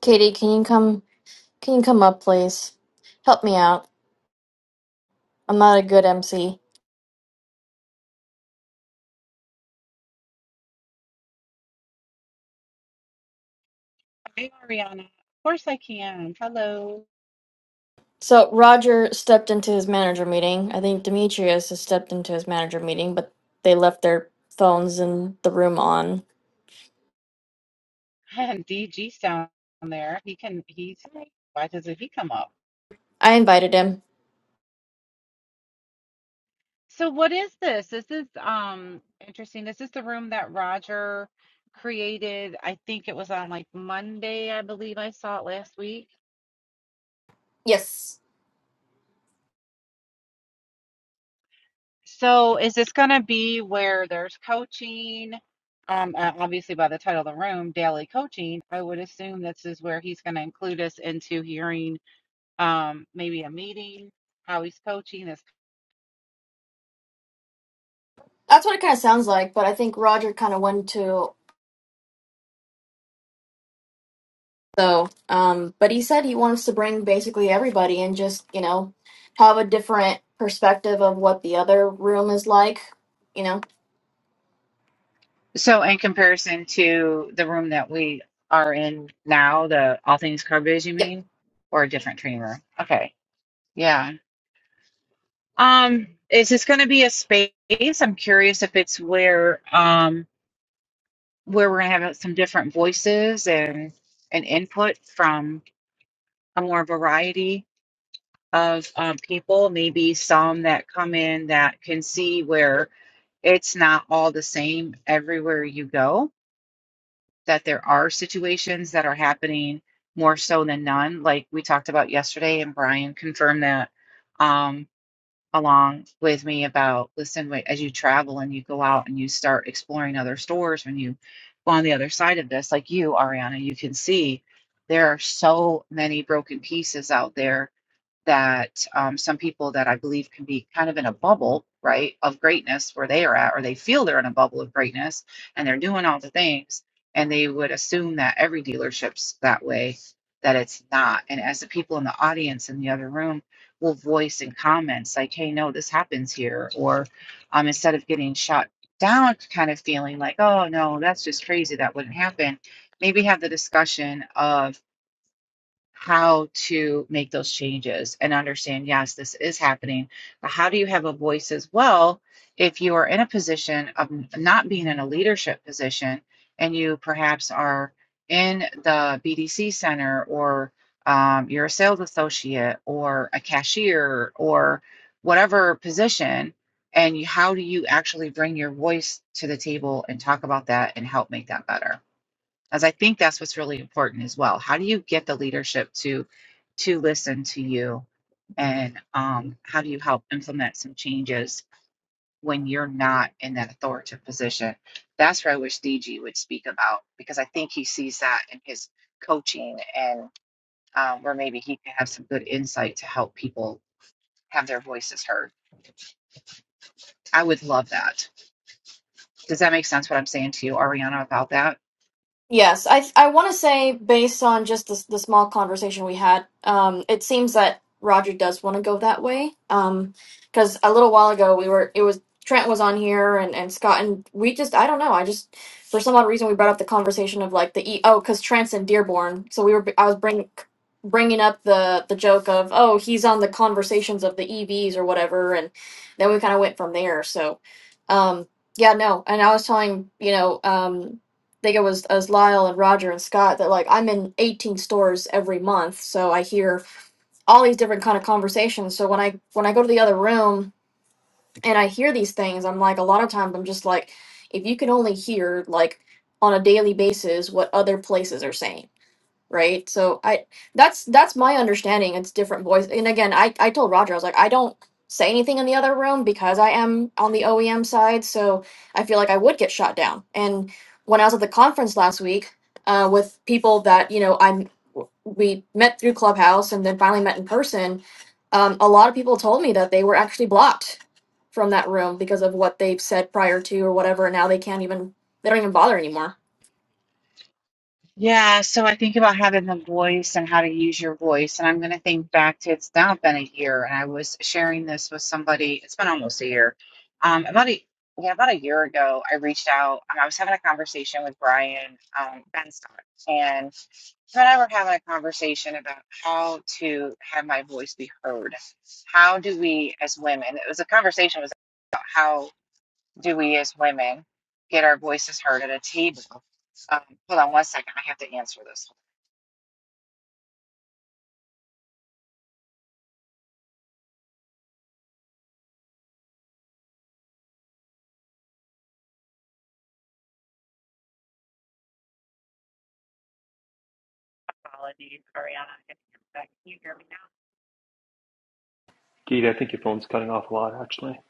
[SPEAKER 3] Katie, can you come can you come up please? Help me out. I'm not a good MC.
[SPEAKER 10] Hey, Ariana. Of course I can. Hello.
[SPEAKER 3] So Roger stepped into his manager meeting. I think Demetrius has stepped into his manager meeting, but they left their phones in the room on.
[SPEAKER 10] And DG's down there. He can, he's, why doesn't he come up?
[SPEAKER 3] I invited him.
[SPEAKER 10] So what is this? This is um interesting. This is the room that Roger created. I think it was on like Monday, I believe I saw it last week.
[SPEAKER 3] Yes.
[SPEAKER 10] So is this gonna be where there's coaching? Um, uh, obviously by the title of the room, daily coaching, I would assume this is where he's gonna include us into hearing. um, maybe a meeting, how he's coaching is.
[SPEAKER 3] That's what it kind of sounds like, but I think Roger kind of went to so um but he said he wants to bring basically everybody and just, you know, have a different perspective of what the other room is like, you know.
[SPEAKER 10] So, in comparison to the room that we are in now, the All Things Carbiz, you
[SPEAKER 3] Yep.
[SPEAKER 10] mean, or a different training room? Okay, yeah. Um, is this going to be a space? I'm curious if it's where um where we're going to have some different voices and and input from a more variety of um, people, maybe some that come in that can see where it's not all the same everywhere you go, that there are situations that are happening more so than none, like we talked about yesterday, and Brian confirmed that um, along with me about listen, wait, as you travel and you go out and you start exploring other stores, when you go on the other side of this, like you, Ariana, you can see there are so many broken pieces out there that um, some people that I believe can be kind of in a bubble, right, of greatness where they are at, or they feel they're in a bubble of greatness and they're doing all the things, and they would assume that every dealership's that way, that it's not. And as the people in the audience in the other room will voice in comments like, hey, no, this happens here, or um, instead of getting shot down, kind of feeling like, oh, no, that's just crazy, that wouldn't happen, maybe have the discussion of, how to make those changes and understand, yes, this is happening, but how do you have a voice as well if you are in a position of not being in a leadership position and you perhaps are in the BDC center or um, you're a sales associate or a cashier or whatever position, and how do you actually bring your voice to the table and talk about that and help make that better? as I think that's what's really important as well. How do you get the leadership to to listen to you, and um, how do you help implement some changes when you're not in that authoritative position? That's where I wish DG would speak about because I think he sees that in his coaching and um, where maybe he can have some good insight to help people have their voices heard. I would love that. Does that make sense? What I'm saying to you, Ariana, about that?
[SPEAKER 3] Yes, I I want to say based on just the the small conversation we had, um, it seems that Roger does want to go that way. Um, because a little while ago we were it was Trent was on here and and Scott and we just I don't know I just for some odd reason we brought up the conversation of like the e oh because Trent's in Dearborn so we were I was bringing bringing up the the joke of oh he's on the conversations of the EVs or whatever and then we kind of went from there so um yeah no and I was telling you know um think it was as Lyle and Roger and Scott that like I'm in 18 stores every month, so I hear all these different kind of conversations. So when I when I go to the other room and I hear these things, I'm like a lot of times I'm just like, if you can only hear like on a daily basis what other places are saying right so i that's that's my understanding it's different voice and again i i told roger i was like i don't say anything in the other room because i am on the oem side so i feel like i would get shot down and when i was at the conference last week uh, with people that you know i'm we met through clubhouse and then finally met in person um, a lot of people told me that they were actually blocked from that room because of what they've said prior to or whatever and now they can't even they don't even bother anymore
[SPEAKER 10] Yeah, so I think about having the voice and how to use your voice. And I'm going to think back to it's now been a year, and I was sharing this with somebody. It's been almost a year. Um, about a yeah, about a year ago, I reached out. Um, I was having a conversation with Brian um, Benstock, and him and I were having a conversation about how to have my voice be heard. How do we, as women, it was a conversation was about how do we as women get our voices heard at a table? Um, hold on one second. I have to answer this. Apologies, Ariana. if you're back. Can you hear me now?
[SPEAKER 7] Gita, I think your phone's cutting off a lot, actually.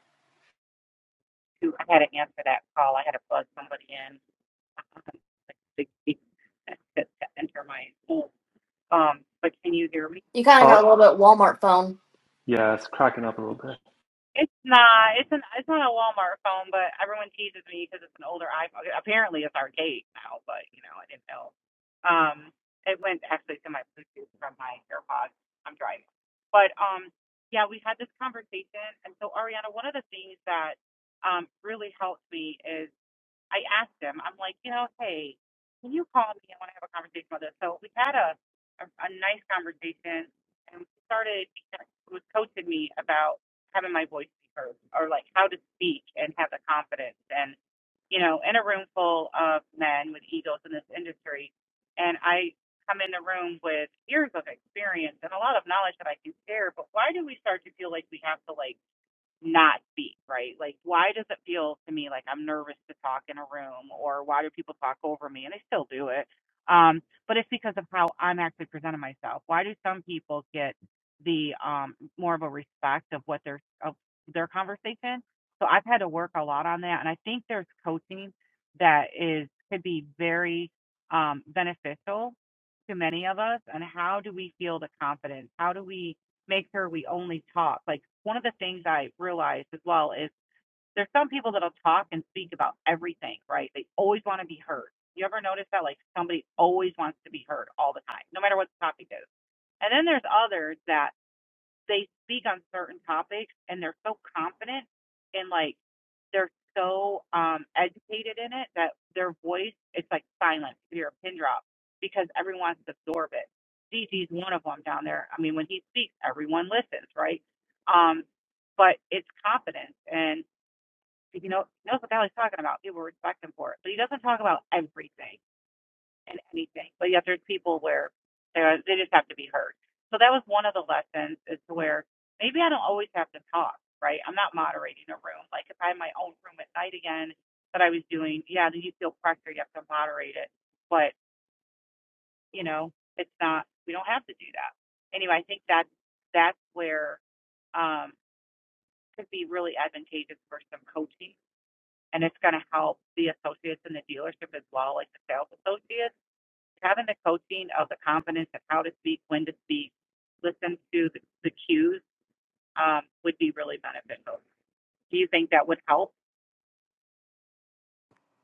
[SPEAKER 3] you kind of
[SPEAKER 7] Uh,
[SPEAKER 3] got a little bit walmart phone
[SPEAKER 7] yeah, it's cracking up a little bit.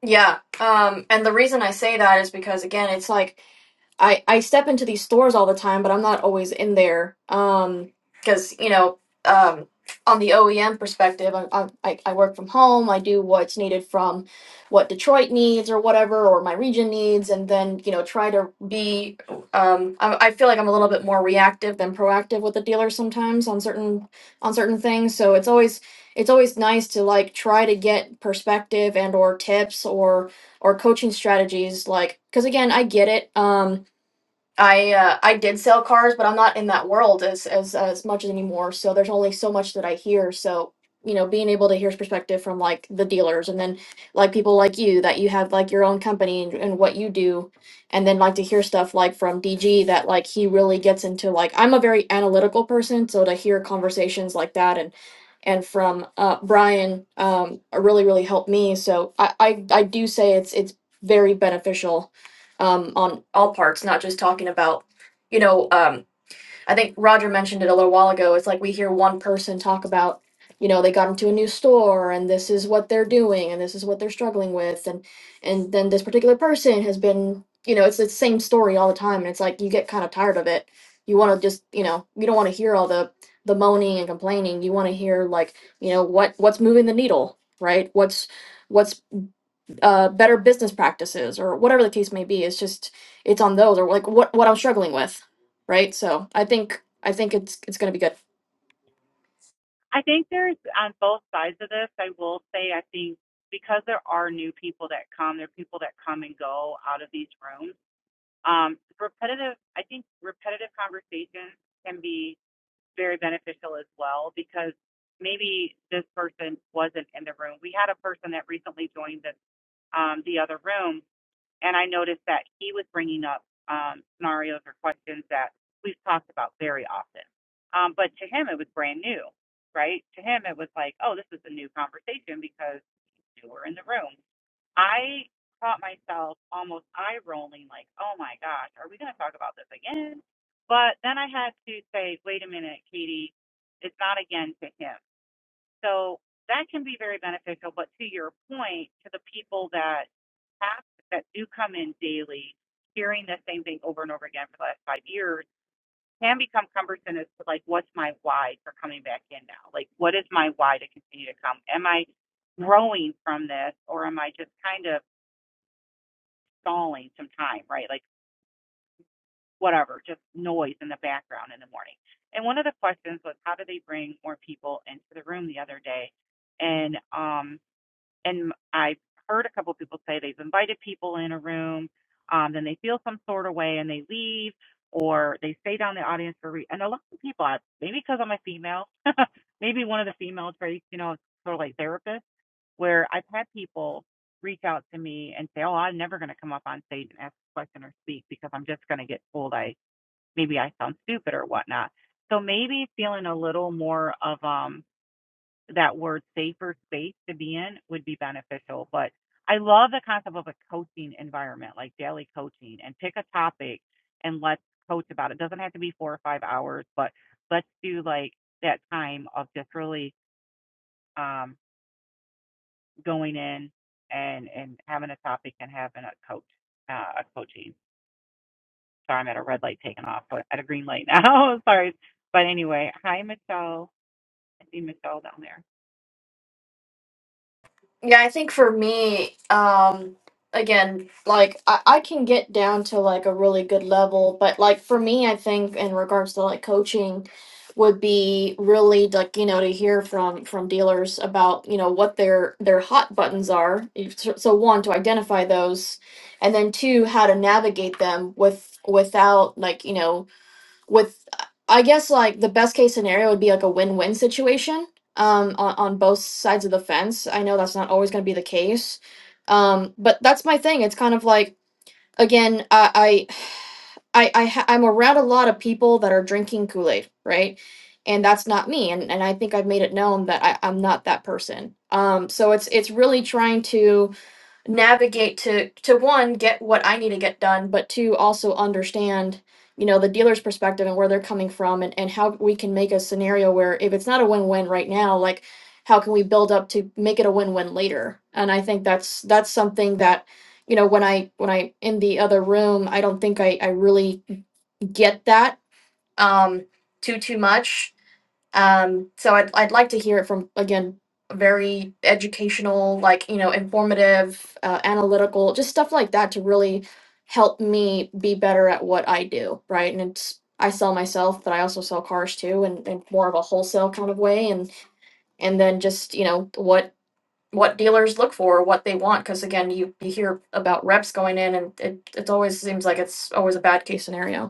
[SPEAKER 3] Yeah. Um, and the reason I say that is because again, it's like I I step into these stores all the time, but I'm not always in there. Um, because you know, um, on the OEM perspective, I, I I I work from home. I do what's needed from what Detroit needs or whatever, or my region needs, and then you know try to be. Um, I, I feel like I'm a little bit more reactive than proactive with the dealer sometimes on certain on certain things. So it's always it's always nice to like try to get perspective and or tips or or coaching strategies like because again i get it um I uh, I did sell cars, but I'm not in that world as as as much anymore. So there's only so much that I hear. So you know, being able to hear perspective from like the dealers, and then like people like you that you have like your own company and, and what you do, and then like to hear stuff like from DG that like he really gets into like I'm a very analytical person, so to hear conversations like that and and from uh, Brian um, really really helped me. So I, I I do say it's it's very beneficial um, on all parts, not just talking about, you know, um, I think Roger mentioned it a little while ago. It's like we hear one person talk about, you know, they got into a new store and this is what they're doing and this is what they're struggling with and and then this particular person has been, you know, it's the same story all the time and it's like you get kind of tired of it. You want to just, you know, you don't want to hear all the the moaning and complaining. You want to hear like, you know, what what's moving the needle, right? What's what's uh, better business practices or whatever the case may be. It's just it's on those or like what what I'm struggling with, right? So I think I think it's it's gonna be good. Yeah, I think for me, um, again, like I, I can get down to like a really good level, but like for me, I think in regards to like coaching would be really like you know to hear from from dealers about you know what their their hot buttons are If- so so one to identify those and then two how to navigate them with without like you know with i guess like the best case scenario would be like a win-win situation um on, on both sides of the fence i know that's not always going to be the case um but that's my thing it's kind of like again i i i, I ha- i'm around a lot of people that are drinking kool-aid right and that's not me and, and i think i've made it known that I, i'm not that person um so it's it's really trying to navigate to to one get what i need to get done but two also understand you know the dealer's perspective and where they're coming from and, and how we can make a scenario where if it's not a win-win right now like how can we build up to make it a win-win later and i think that's that's something that you know when i when i in the other room i don't think i i really get that um too too much um, so I'd I'd like to hear it from again very educational, like you know, informative, uh, analytical, just stuff like that to really help me be better at what I do, right? And it's I sell myself, but I also sell cars too, and, and more of a wholesale kind of way, and and then just you know what what dealers look for, what they want, because again, you you hear about reps going in, and it it always seems like it's always a bad case scenario.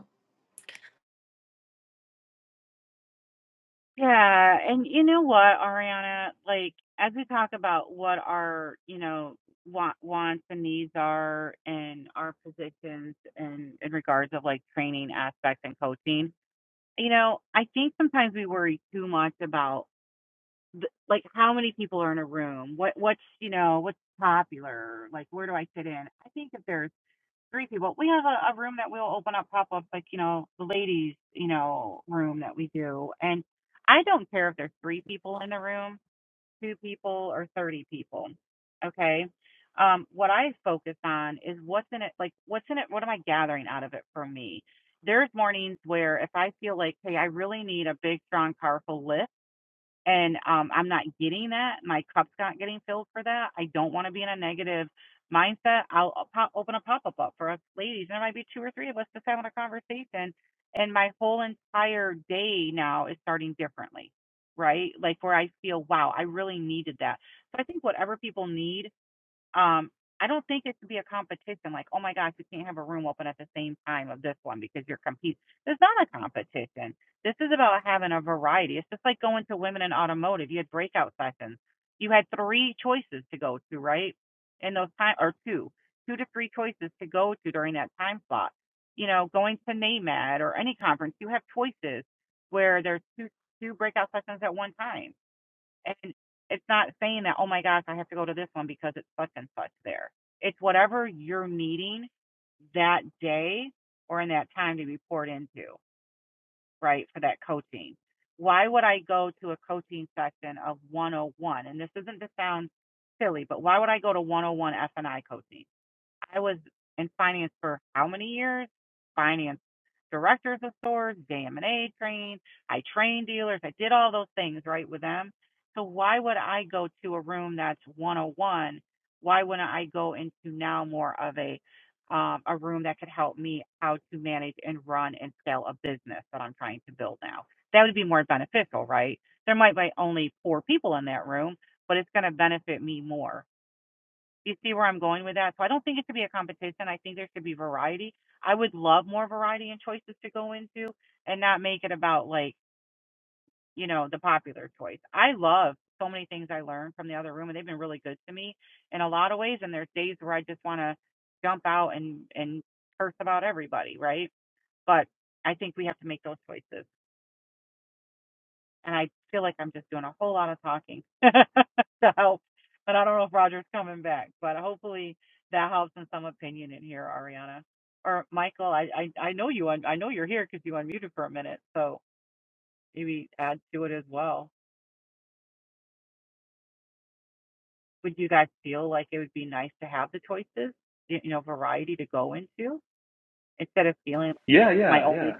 [SPEAKER 7] Yeah, yeah, yeah.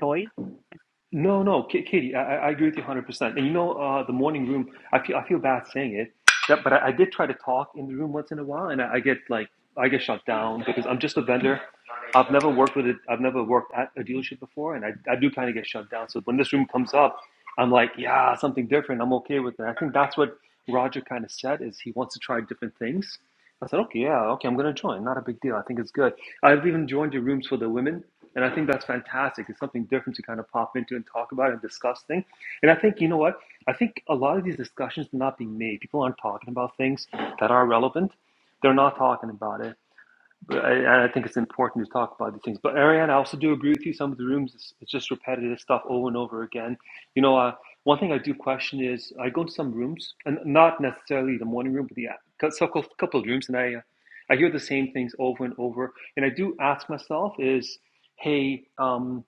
[SPEAKER 7] No, no, K- Katie, I, I agree with you 100%. And you know, uh, the morning room, I feel, I feel bad saying it, that, but I, I did try to talk in the room once in a while, and I, I get like, I get shut down because I'm just a vendor. I've never worked with it. I've never worked at a dealership before, and I, I do kind of get shut down. So when this room comes up, I'm like, yeah, something different. I'm okay with it. I think that's what Roger kind of said is he wants to try different things. I said, okay, yeah, okay, I'm going to join. Not a big deal. I think it's good. I've even joined your rooms for the women, and I think that's fantastic. It's something different to kind of pop into and talk about and discuss things. And I think, you know what? I think a lot of these discussions are not being made. People aren't talking about things that are relevant. They're not talking about it. But I, and I think it's important to talk about these things. But Ariane, I also do agree with you. Some of the rooms, it's, it's just repetitive stuff over and over again. You know, uh, one thing I do question is I go to some rooms, and not necessarily the morning room, but the a couple couple of rooms, and I uh, I hear the same things over and over. And I do ask myself, is hey, um,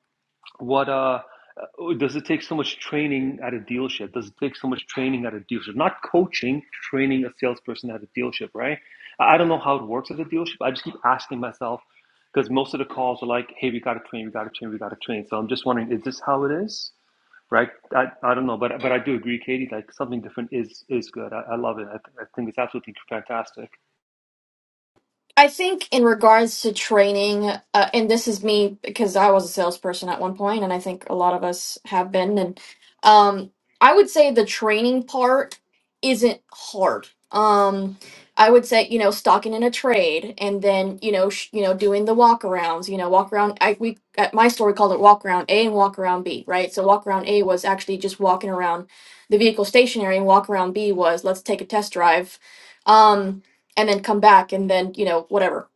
[SPEAKER 7] what uh uh, does it take so much training at a dealership does it take so much training at a dealership not coaching training a salesperson at a dealership right i I don't know how it works at a dealership i just keep asking myself because most of the calls are like hey we got to train we got to train we got to train so i'm just wondering is this how it is right i, I don't know but but i do agree katie like something different is is good i, I love it I, th- I think it's absolutely fantastic
[SPEAKER 3] I think in regards to training, uh, and this is me because I was a salesperson at one point, and I think a lot of us have been. And um, I would say the training part isn't hard. Um, I would say you know stocking in a trade, and then you know sh- you know doing the walk arounds. You know walk around. I we at my store we called it walk around A and walk around B. Right. So walk around A was actually just walking around the vehicle stationary, and walk around B was let's take a test drive. Um, and then come back and then you know whatever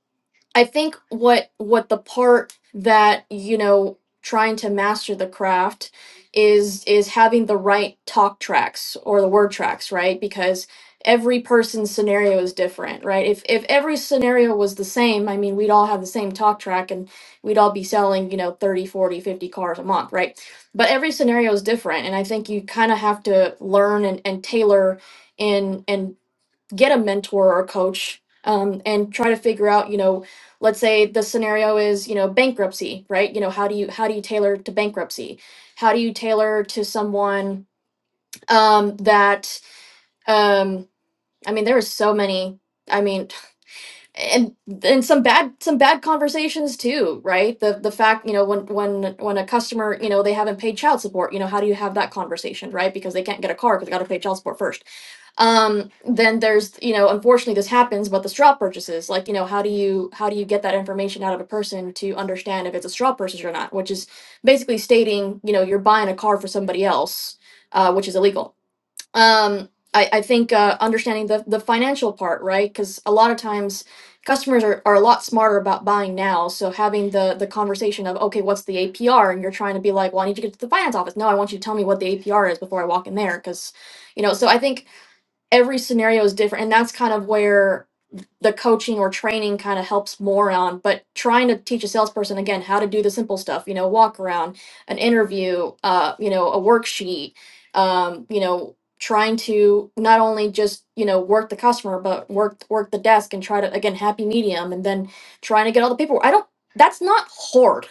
[SPEAKER 3] i think what what the part that you know trying to master the craft is is having the right talk tracks or the word tracks right because every person's scenario is different right if if every scenario was the same i mean we'd all have the same talk track and we'd all be selling you know 30, 40, 50 cars a month right but every scenario is different and i think you kind of have to learn and, and tailor in and get a mentor or coach um, and try to figure out you know let's say the scenario is you know bankruptcy right you know how do you how do you tailor to bankruptcy how do you tailor to someone um, that um, i mean there are so many i mean and and some bad some bad conversations too right the the fact you know when when when a customer you know they haven't paid child support you know how do you have that conversation right because they can't get a car because they got to pay child support first um then there's you know unfortunately this happens but the straw purchases like you know how do you how do you get that information out of a person to understand if it's a straw purchase or not which is basically stating you know you're buying a car for somebody else uh, which is illegal um i, I think uh, understanding the, the financial part right because a lot of times customers are, are a lot smarter about buying now so having the the conversation of okay what's the apr and you're trying to be like well i need to get to the finance office no i want you to tell me what the apr is before i walk in there because you know so i think every scenario is different and that's kind of where the coaching or training kind of helps more on but trying to teach a salesperson again how to do the simple stuff you know walk around an interview uh you know a worksheet um you know trying to not only just you know work the customer but work work the desk and try to again happy medium and then trying to get all the paperwork i don't that's not hard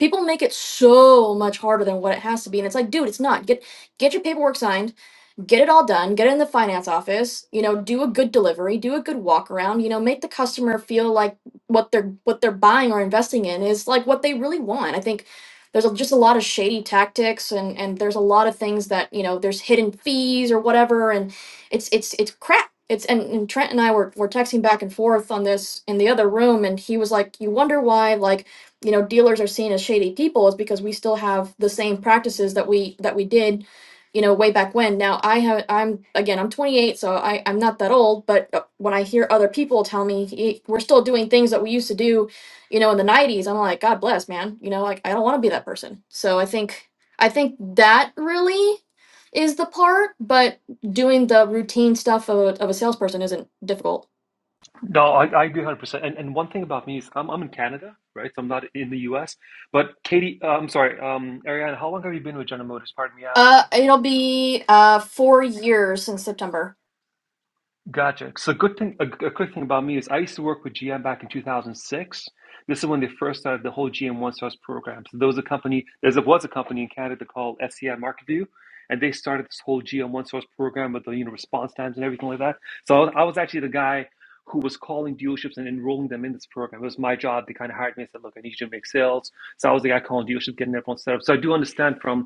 [SPEAKER 3] people make it so much harder than what it has to be and it's like dude it's not get get your paperwork signed get it all done, get it in the finance office, you know, do a good delivery, do a good walk around, you know, make the customer feel like what they're what they're buying or investing in is like what they really want. I think there's a, just a lot of shady tactics and and there's a lot of things that, you know, there's hidden fees or whatever and it's it's it's crap. It's and, and Trent and I were were texting back and forth on this in the other room and he was like, "You wonder why like you know dealers are seen as shady people is because we still have the same practices that we that we did you know way back when now i have i'm again i'm 28 so I, i'm not that old but uh, when i hear other people tell me "Hey, we're still doing things that we used to do you know in the 90s i'm like god bless man you know like i don't want to be that person so i think i think that really is the part but doing the routine stuff of a, of a salesperson isn't difficult
[SPEAKER 7] No, I, I agree 100%. And, and one thing about me is I'm, I'm in Canada, right? So I'm not in the US. But Katie, uh, I'm sorry, um, Ariana, how long have you been with General Motors? Pardon me
[SPEAKER 3] uh
[SPEAKER 7] asking.
[SPEAKER 3] it'll be uh four years in september
[SPEAKER 7] Gotcha. So good thing, a, a quick thing about me is I used to work with GM back in 2006. This is when they first started the whole GM One Source program. So there was a company, there was a company in Canada called SCI Market View, and they started this whole GM One Source program with the you know response times and everything like that. So I was, I was actually the guy who was calling dealerships and enrolling them in this program. It was my job. They kind of hired me and said, "Look, I need you to make sales." So I was the guy calling dealerships, getting everyone set up. So I do understand from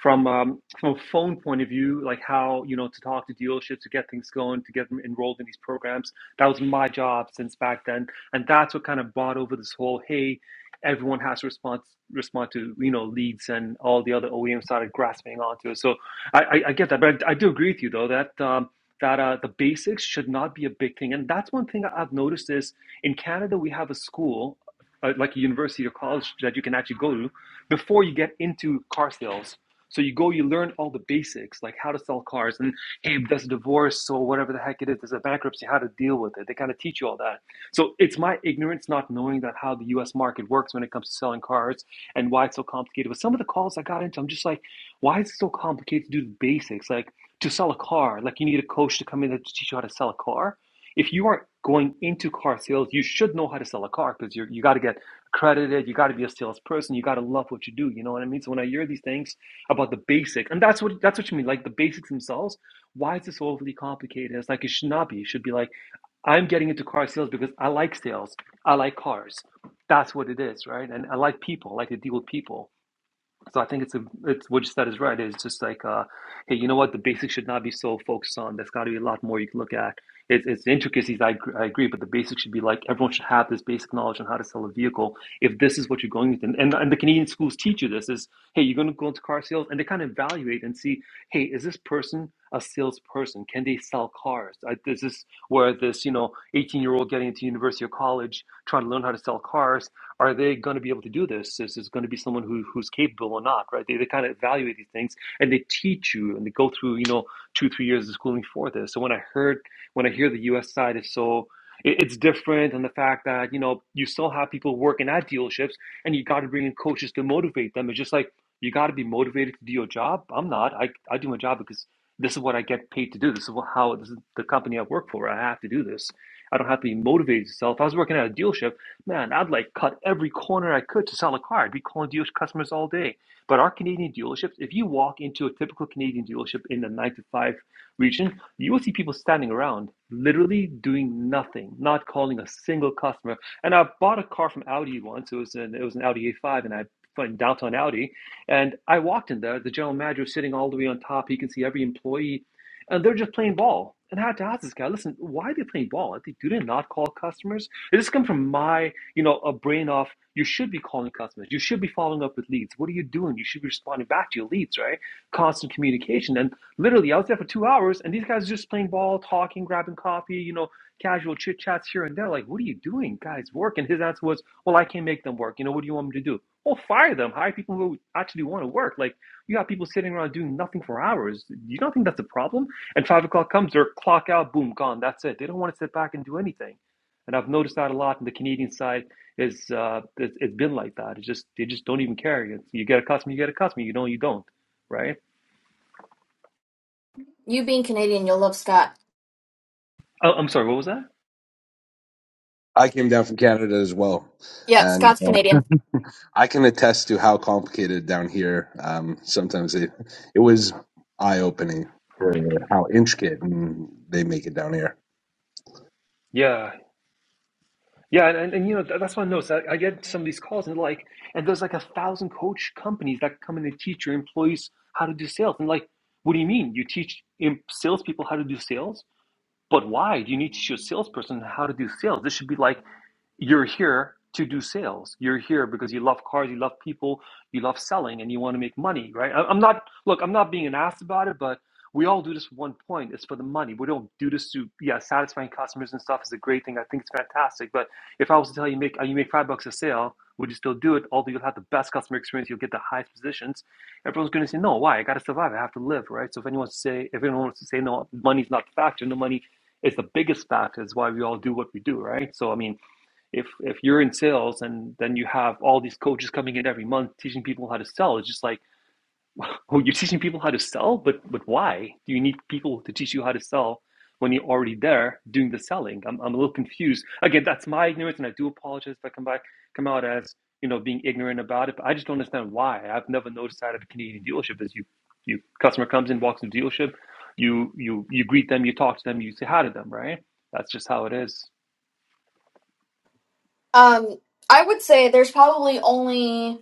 [SPEAKER 7] from um, from a phone point of view, like how you know to talk to dealerships to get things going, to get them enrolled in these programs. That was my job since back then, and that's what kind of brought over this whole hey, everyone has to respond respond to you know leads, and all the other OEMs started grasping onto it. So I, I, I get that, but I, I do agree with you though that. Um, that uh, the basics should not be a big thing, and that's one thing I've noticed is in Canada we have a school, uh, like a university or college, that you can actually go to before you get into car sales so you go, you learn all the basics, like how to sell cars, and hey, there's a divorce, so whatever the heck it is, there's a bankruptcy, how to deal with it. They kind of teach you all that. So it's my ignorance not knowing that how the U.S. market works when it comes to selling cars and why it's so complicated. But some of the calls I got into, I'm just like, why is it so complicated to do the basics? Like to sell a car, like you need a coach to come in to teach you how to sell a car. If you aren't going into car sales, you should know how to sell a car because you you got to get accredited, you got to be a salesperson, you got to love what you do. You know what I mean? So when I hear these things about the basics, and that's what that's what you mean, like the basics themselves. Why is this overly complicated? It's like it should not be. It should be like I'm getting into car sales because I like sales. I like cars. That's what it is, right? And I like people. I like to deal with people. So I think it's a it's what you said is right. It's just like uh, hey, you know what? The basics should not be so focused on. There's got to be a lot more you can look at. It's it's the intricacies. I gr- I agree, but the basics should be like everyone should have this basic knowledge on how to sell a vehicle. If this is what you're going with, and and and the Canadian schools teach you this is hey, you're going to go into car sales, and they kind of evaluate and see hey, is this person a salesperson? Can they sell cars? I, This Is where this you know 18 year old getting into university or college trying to learn how to sell cars? are they going to be able to do this? Is this going to be someone who, who's capable or not, right? They, they kind of evaluate these things and they teach you and they go through, you know, two, three years of schooling for this. So when I heard, when I hear the US side is so, it- it's different and the fact that, you know, you still have people working at dealerships and you got to bring in coaches to motivate them. It's just like, you got to be motivated to do your job. I'm not. I, I do my job because this is what I get paid to do. This is how this is the company I work for. I have to do this. I don't have to be motivated to sell. If I was working at a dealership, Man, I'd like cut every corner I could to sell a car. I'd be calling dealership customers all day. But our Canadian dealerships, if you walk into a typical Canadian dealership in the nine to five region, you will see people standing around, literally doing nothing, not calling a single customer. And I bought a car from Audi once. It was an it was an Audi A5, and I in downtown Audi, and I walked in there. The general manager was sitting all the way on top. He can see every employee, and they're just playing ball. And I had to ask this guy, listen, why are they playing ball? Do they not call customers? Did this come from my you know, a brain of you should be calling customers, you should be following up with leads. What are you doing? You should be responding back to your leads, right? Constant communication. And literally, I was there for two hours, and these guys just playing ball, talking, grabbing coffee, you know, casual chit chats here and there. Like, what are you doing, guys? Work. And his answer was, well, I can't make them work. You know, what do you want me to do? Well, fire them. Hire people who actually want to work. Like, you have people sitting around doing nothing for hours. You don't think that's a problem? And five o'clock comes, they're clock out, boom, gone. That's it. They don't want to sit back and do anything and I've noticed that a lot on the Canadian side is uh, it's, it's been like that. It's just they just don't even care. It's, you get a customer, you get a customer. You don't, you don't, right?
[SPEAKER 3] you being canadian you'll love scott
[SPEAKER 7] Oh, I'm sorry. What was that?
[SPEAKER 1] I came down from Canada as well.
[SPEAKER 3] yeah
[SPEAKER 1] and.
[SPEAKER 3] scott's canadian
[SPEAKER 1] I can attest to how complicated down here. Um, sometimes it it was eye opening for how intricate and they make it down here.
[SPEAKER 7] Yeah, yeah, and, and, and you know that's what I noticed. I, I get some of these calls and like, and there's like a thousand coach companies that come in and teach your employees how to do sales. And like, what do you mean? You teach salespeople how to do sales? But why do you need to teach your salesperson how to do sales? This should be like You're here to do sales. You're here because you love cars, you love people, you love selling, and you want to make money, right? I- am not, look, I'm not being an ass about it, but we all do this for one point. It's for the money. We don't do this to, yeah, satisfying customers and stuff is a great thing. I think it's fantastic. But if I was to tell you make, uh, you make five bucks a sale, would you still do it? Although you'll have the best customer experience, you'll get the highest positions. Everyone's going to say, no, why? I got to survive. I have to live, right? So if anyone wants to say, if anyone wants to say, no, money's not the factor, no money is the biggest factor. Is why we all do what we do, right? So, I mean, if if you're in sales and then you have all these coaches coming in every month teaching people how to sell it's just like oh you're teaching people how to sell but but why do you need people to teach you how to sell when you're already there doing the selling i'm, I'm a little confused again that's my ignorance and i do apologize if i come back come out as you know being ignorant about it but i just don't understand why i've never noticed that at a canadian dealership is you you customer comes in walks into the dealership you you you greet them you talk to them you say hi to them right that's just how it is
[SPEAKER 3] um I would say there's probably only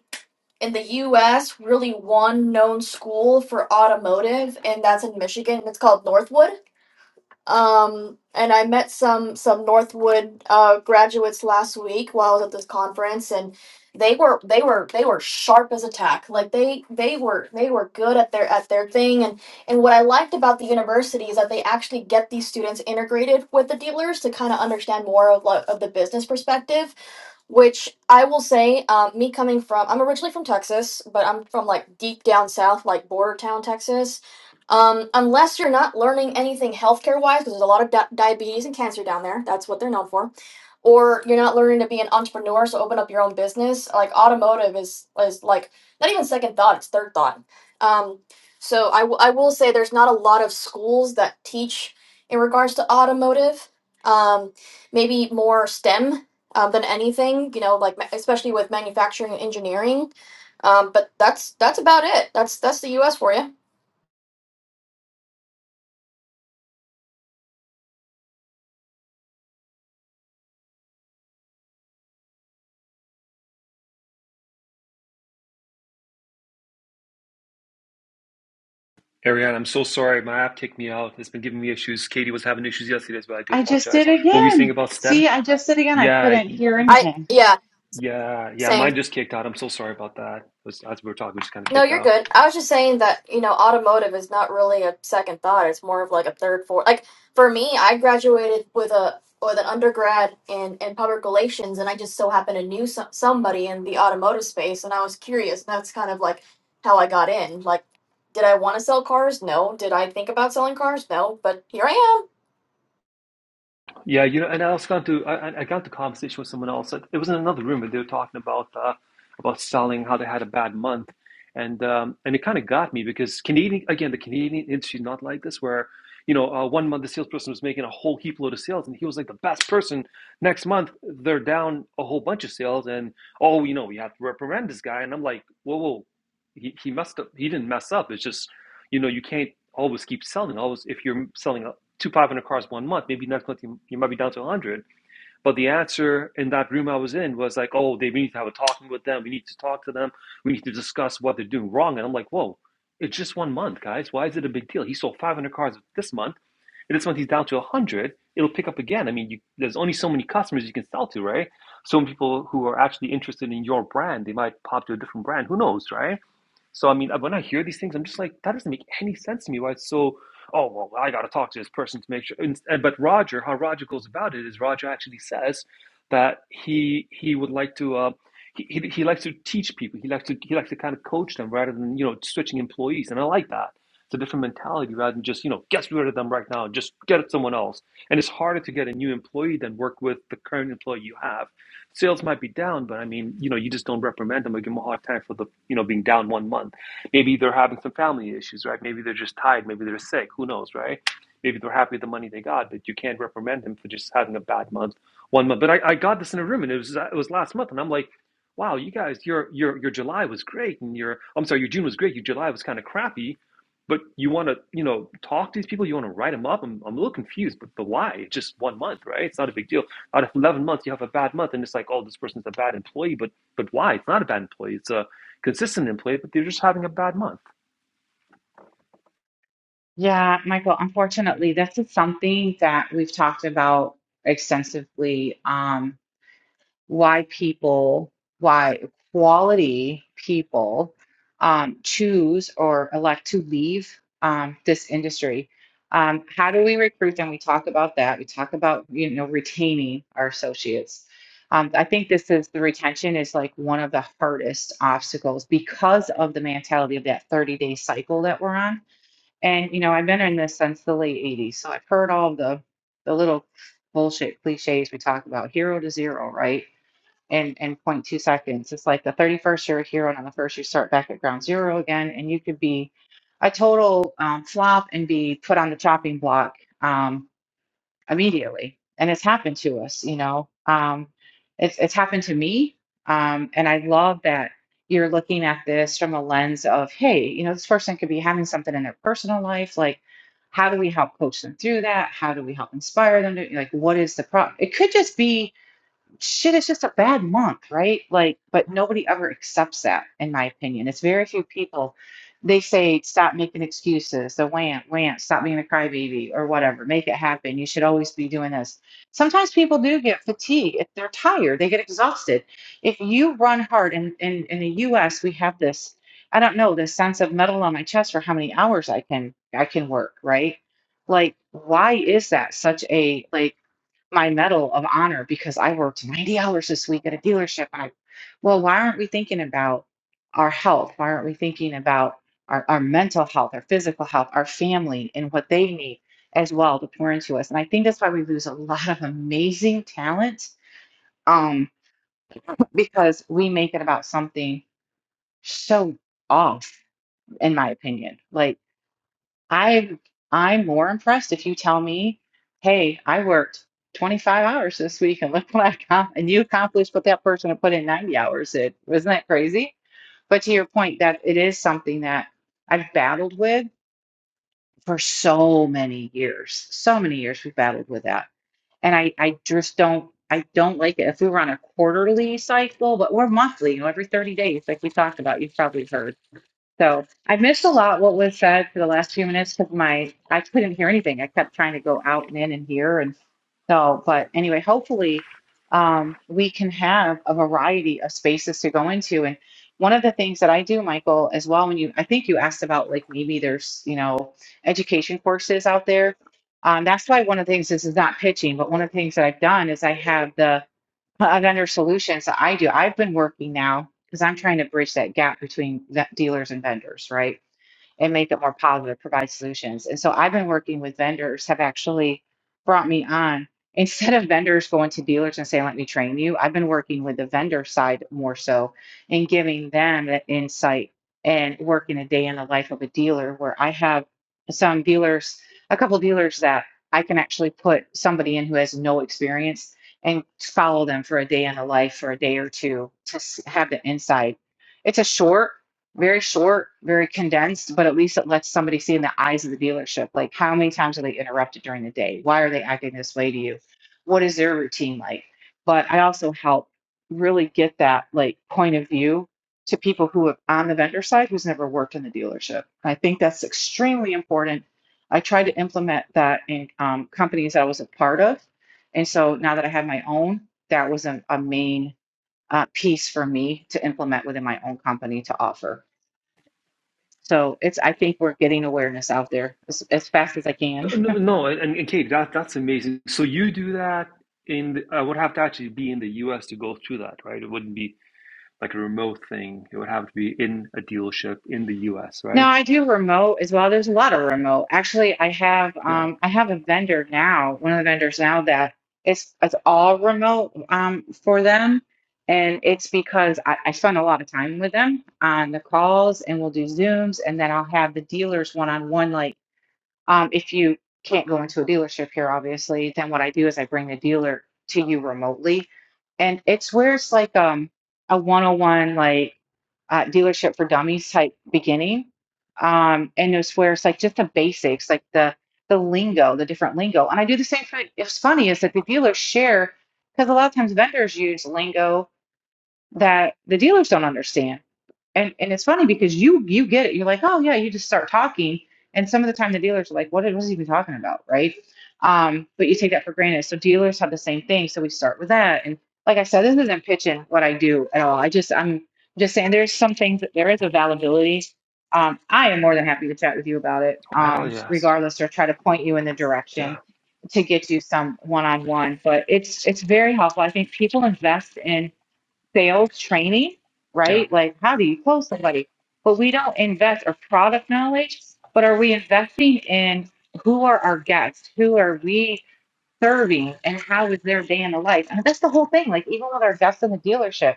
[SPEAKER 3] in the US, really one known school for automotive, and that's in Michigan. It's called Northwood. Um, and I met some some Northwood uh, graduates last week while I was at this conference, and they were they were they were sharp as a tack. Like they they were they were good at their at their thing. And and what I liked about the university is that they actually get these students integrated with the dealers to kind of understand more of like of the business perspective which I will say, um, me coming from, I'm originally from Texas, but I'm from like deep down south, like border town Texas. Um, unless you're not learning anything healthcare wise, because there's a lot of di- diabetes and cancer down there. That's what they're known for or you're not learning to be an entrepreneur, so open up your own business. Like automotive is is like not even second thought; it's third thought. Um, so I, w- I will say there's not a lot of schools that teach in regards to automotive. Um, maybe more STEM um, than anything. You know, like ma- especially with manufacturing and engineering. Um, but that's that's about it. That's that's the U.S. for you.
[SPEAKER 7] Ariane, I'm so sorry. My app kicked me out. It's been giving me issues. Katie was having issues yesterday, but I do
[SPEAKER 10] I just did
[SPEAKER 7] apologize. What were you saying
[SPEAKER 10] again.
[SPEAKER 7] about STEM?
[SPEAKER 10] See, I just did again. I
[SPEAKER 7] Yeah,
[SPEAKER 10] couldn't hear
[SPEAKER 3] I
[SPEAKER 10] anything.
[SPEAKER 3] yeah
[SPEAKER 7] yeah, yeah.
[SPEAKER 3] same.
[SPEAKER 7] Mine just kicked out. I'm so sorry about that. It was, as we were talking, it just kind of
[SPEAKER 3] No,
[SPEAKER 7] kicked out.
[SPEAKER 3] you're good. I was just saying that, you know, automotive is not really a second thought. It's more of like a third, fourth. Like for me, I graduated with a with an undergrad in in public relations, and I just so happened to knew some, somebody in the automotive space, and I was curious. And that's kind of like how I got in. Like, did I want to sell cars? No. Did I think about selling cars? No. But here I am.
[SPEAKER 7] Yeah, you know, and I also got into I, I got into conversation with someone else. It was in another room, and they were talking about uh, about selling, how they had a bad month, and um, and it kind of got me because Canadian again, the Canadian industry is not like this, where you know uh, one month the salesperson was making a whole heap load of sales, and he was like the best person. Next month they're down a whole bunch of sales, and oh, you know, we have to reprimand this guy, and I'm like, whoa, whoa, he he messed up. He didn't mess up. It's just you know you can't always keep selling. Always if you're selling two 500 cars one month, maybe not collecting, you might be down to 100. But the answer in that room I was in was like, oh, they, we need to have a talking with them. We need to talk to them. We need to discuss what they're doing wrong. And I'm like, whoa, it's just one month, guys. Why is it a big deal? He sold 500 cars this month. And this month he's down to 100. It'll pick up again. I mean, you, there's only so many customers you can sell to, right? So many people who are actually interested in your brand, they might pop to a different brand. Who knows, right? So I mean, uh, when I hear these things, I'm just like, that doesn't make any sense to me. Why it's so? Oh well, I got to talk to this person to make sure. And, and- but Roger, how Roger goes about it is Roger actually says that he he would like to. Uh, he, he, he likes to teach people. He likes to he likes to kind of coach them rather than you know switching employees. And I like that. It's a different mentality rather than just you know get rid of them right now. Just get someone else. And it's harder to get a new employee than work with the current employee you have Sales might be down, but I mean, you know, you just don't reprimand them or give them a hard time for the, you know, being down one month. Maybe they're having some family issues, right? Maybe they're just tired. Maybe they're sick. Who knows, right? Maybe they're happy with the money they got, but you can't reprimand them for just having a bad month, one month. But I, I got this in a room, and it was it was last month, and I'm like, wow, you guys, your your your July was great, and your I'm sorry, your June was great, your July was kind of crappy, but you want to you know talk to these people, you want to write them up. I'm I'm a little confused, but but why? It's just one month, right? It's not a big deal. Out of 11 months, you have a bad month, and it's like, oh, this person's a bad employee. But but why? It's not a bad employee. It's a consistent employee, but they're just having a bad month.
[SPEAKER 10] Yeah, Michael, unfortunately, this is something that we've talked about extensively. Um, why people, why quality people um, choose or elect to leave um, this industry. Um, how do we recruit them? We talk about that. We talk about you know retaining our associates. Um, I think this is the retention is like one of the hardest obstacles because of the mentality of that 30 day cycle that we're on. And you know, I've been in this since the late 80s, so I've heard all the the little bullshit cliches we talk about hero to zero, right? and and 0.2 seconds. It's like the 31st you're a hero, and on the first you start back at ground zero again, and you could be a total um, flop and be put on the chopping block um, immediately. And it's happened to us, you know. Um, it's it's happened to me, um, and I love that you're looking at this from a lens of, hey, you know, this person could be having something in their personal life, like. How do we help coach them through that? How do we help inspire them to like what is the problem? It could just be shit it's just a bad month right like but nobody ever accepts that in my opinion it's very few people they say stop making excuses the rant rant stop being a crybaby or whatever make it happen you should always be doing this sometimes people do get fatigued if they're tired they get exhausted if you run hard and in, in, the us we have this i don't know this sense of metal on my chest for how many hours i can i can work right like why is that such a like my medal of honor because I worked 90 hours this week at a dealership. And I, well, why aren't we thinking about our health? Why aren't we thinking about our, our mental health, our physical health, our family, and what they need as well to pour into us? And I think that's why we lose a lot of amazing talent um, because we make it about something so off, in my opinion. Like, I I'm more impressed if you tell me, hey, I worked 25 hours this week and look what I got, and you accomplished what that person had put in 90 hours. It isn't that crazy? But to your point, that it is something that I've battled with for so many years. So many years we've battled with that. And I, I just don't I don't like it. If we were on a quarterly cycle, but we're monthly, you know, every 30 days, like we talked about, you've probably heard. So I missed a lot what was said for the last few minutes because my I couldn't hear anything. I kept trying to go out and in and here and so. But anyway, hopefully um, we can have a variety of spaces to go into. And one of the things that I do, Michael, as well, when you I think you asked about like maybe there's you know education courses out there. Um, that's why one of the things this is not pitching, but one of the things that I've done is I have the another solution. So I do. I've been working now because I'm trying to bridge that gap between vet- dealers and vendors, right? and make it more positive, provide solutions. And so I've been working with vendors have actually brought me on instead of vendors going to dealers and saying, let me train you, I've been working with the vendor side more so and giving them that insight and working a day in the life of a dealer where I have some dealers, a couple of dealers that I can actually put somebody in who has no experience and follow them for a day in the life for a day or two to have the insight. It's a short very short, very condensed, but at least it lets somebody see in the eyes of the dealership, like how many times are they interrupted during the day? Why are they acting this way to you? What is their routine like? But I also help really get that like point of view to people who have on the vendor side who's never worked in the dealership. I think that's extremely important. I tried to implement that in um, companies I was a part of. And so now that I have my own, that was a, a main uh, piece for me to implement within my own company to offer. So it's I think we're getting awareness out there as, as fast as I can.
[SPEAKER 7] No, no, and, and Kate, that that's amazing. So you do that in the, I would have to actually be in the US to go through that, right? It wouldn't be like a remote thing. It would have to be in a dealership in the US,
[SPEAKER 10] Now
[SPEAKER 7] right?
[SPEAKER 10] I do remote as well. There's a lot of remote. Actually, I have
[SPEAKER 7] Yeah.
[SPEAKER 10] um I have a vendor now, one of the vendors now that it's it's all remote um for them. And it's because I, I spend a lot of time with them on the calls and we'll do Zooms and then I'll have the dealers one on one like Um, if you can't go into a dealership here, obviously, then what I do is I bring the dealer to you remotely. And it's where it's like um, a one on one, like uh, dealership for dummies type beginning. Um, and it's where it's like just the basics, like the the lingo, the different lingo. And I do the same for it's funny is that the dealers share because a lot of times vendors use lingo that the dealers don't understand. And and it's funny because you you get it. You're like, oh yeah, you just start talking. And some of the time the dealers are like, what was he even talking about? Right. Um, but you take that for granted. So dealers have the same thing. So we start with that. And like I said, this isn't pitching what I do at all. I just I'm just saying there's some things that there is availability. Um, I am more than happy to chat with you about it,
[SPEAKER 7] Oh, hell
[SPEAKER 10] um,
[SPEAKER 7] yes.
[SPEAKER 10] regardless, or try to point you in the
[SPEAKER 7] Yeah.
[SPEAKER 10] direction to get you some one-on-one. But it's it's very helpful. I think people invest in sales training,
[SPEAKER 7] Yeah.
[SPEAKER 10] right? Like, how do you close somebody? But we don't invest our product knowledge, but are we investing in who are our guests? Who are we serving and how is their day in the life? And that's the whole thing. Like even with our guests in the dealership,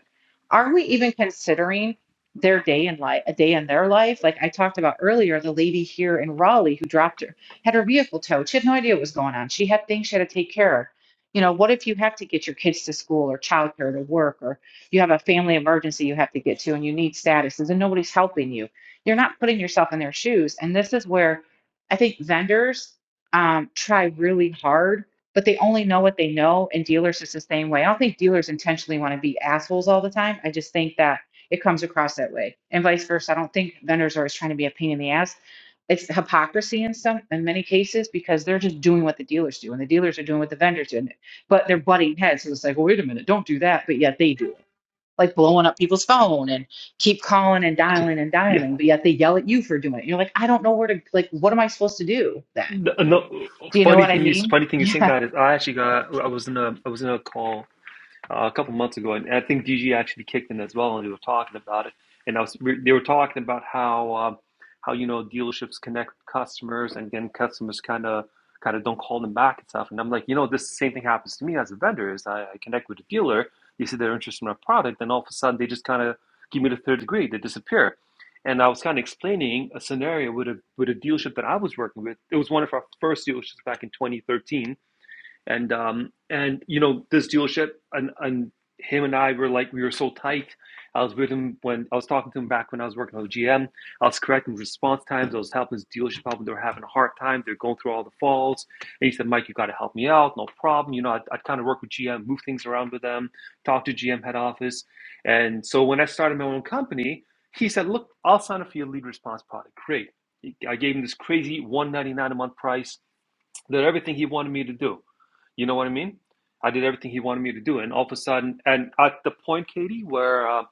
[SPEAKER 10] are we even considering their day in life, a day in their life? Like I talked about earlier, the lady here in Raleigh who dropped her had her vehicle towed. She had no idea what was going on. She had things she had to take care of. You know, what if you have to get your kids to school or childcare to work, or you have a family emergency you have to get to and you need statuses and nobody's helping you? You're not putting yourself in their shoes. And this is where I think vendors um, try really hard but they only know what they know. And dealers is the same way. I don't think dealers intentionally want to be assholes all the time. I just think that it comes across that way, and vice versa. I don't think vendors are always trying to be a pain in the ass. It's hypocrisy in some in many cases because they're just doing what the dealers do, and the dealers are doing what the vendors do, but they're butting heads. So it's like, well, wait a minute, don't do that, but yet they do it. Like blowing up people's phone and keep calling and
[SPEAKER 7] Yeah.
[SPEAKER 10] dialing and
[SPEAKER 7] Yeah.
[SPEAKER 10] dialing, but yet they yell at you for doing it. You're like, I don't know where to like. What am I supposed to do then?
[SPEAKER 7] No, no,
[SPEAKER 10] Do you know
[SPEAKER 7] funny
[SPEAKER 10] what I
[SPEAKER 7] thing you
[SPEAKER 10] mean?
[SPEAKER 7] funny thing you saying
[SPEAKER 10] Yeah.
[SPEAKER 7] that is I actually got I was in a I was in a call uh, a couple months ago, and I think DG actually kicked in as well, and they were talking about it. And I was they were talking about how um, how you know dealerships connect customers, and then customers kind of kind of don't call them back and stuff. And I'm like, you know, this same thing happens to me as a vendor. Is I, I connect with a dealer, they see they're interested in my product, and all of a sudden they just kind of give me the third degree, they disappear. And I was kind of explaining a scenario with a with a dealership that I was working with. It was one of our first dealerships back in 2013 and um and you know this dealership and and him and I were like we were so tight. I was with him when I was talking to him back when I was working with GM. I was correcting response times. I was helping his dealership out when they were having a hard time. They're going through all the falls. And he said, Mike, you got to help me out. No problem. You know, I'd, I'd kind of work with GM, move things around with them, talk to GM head office. And so when I started my own company, he said, look, I'll sign up for your lead response product. Great. I gave him this crazy 199 a month price did everything he wanted me to do. You know what I mean? I did everything he wanted me to do, and all of a sudden, and at the point, Katie, where uh,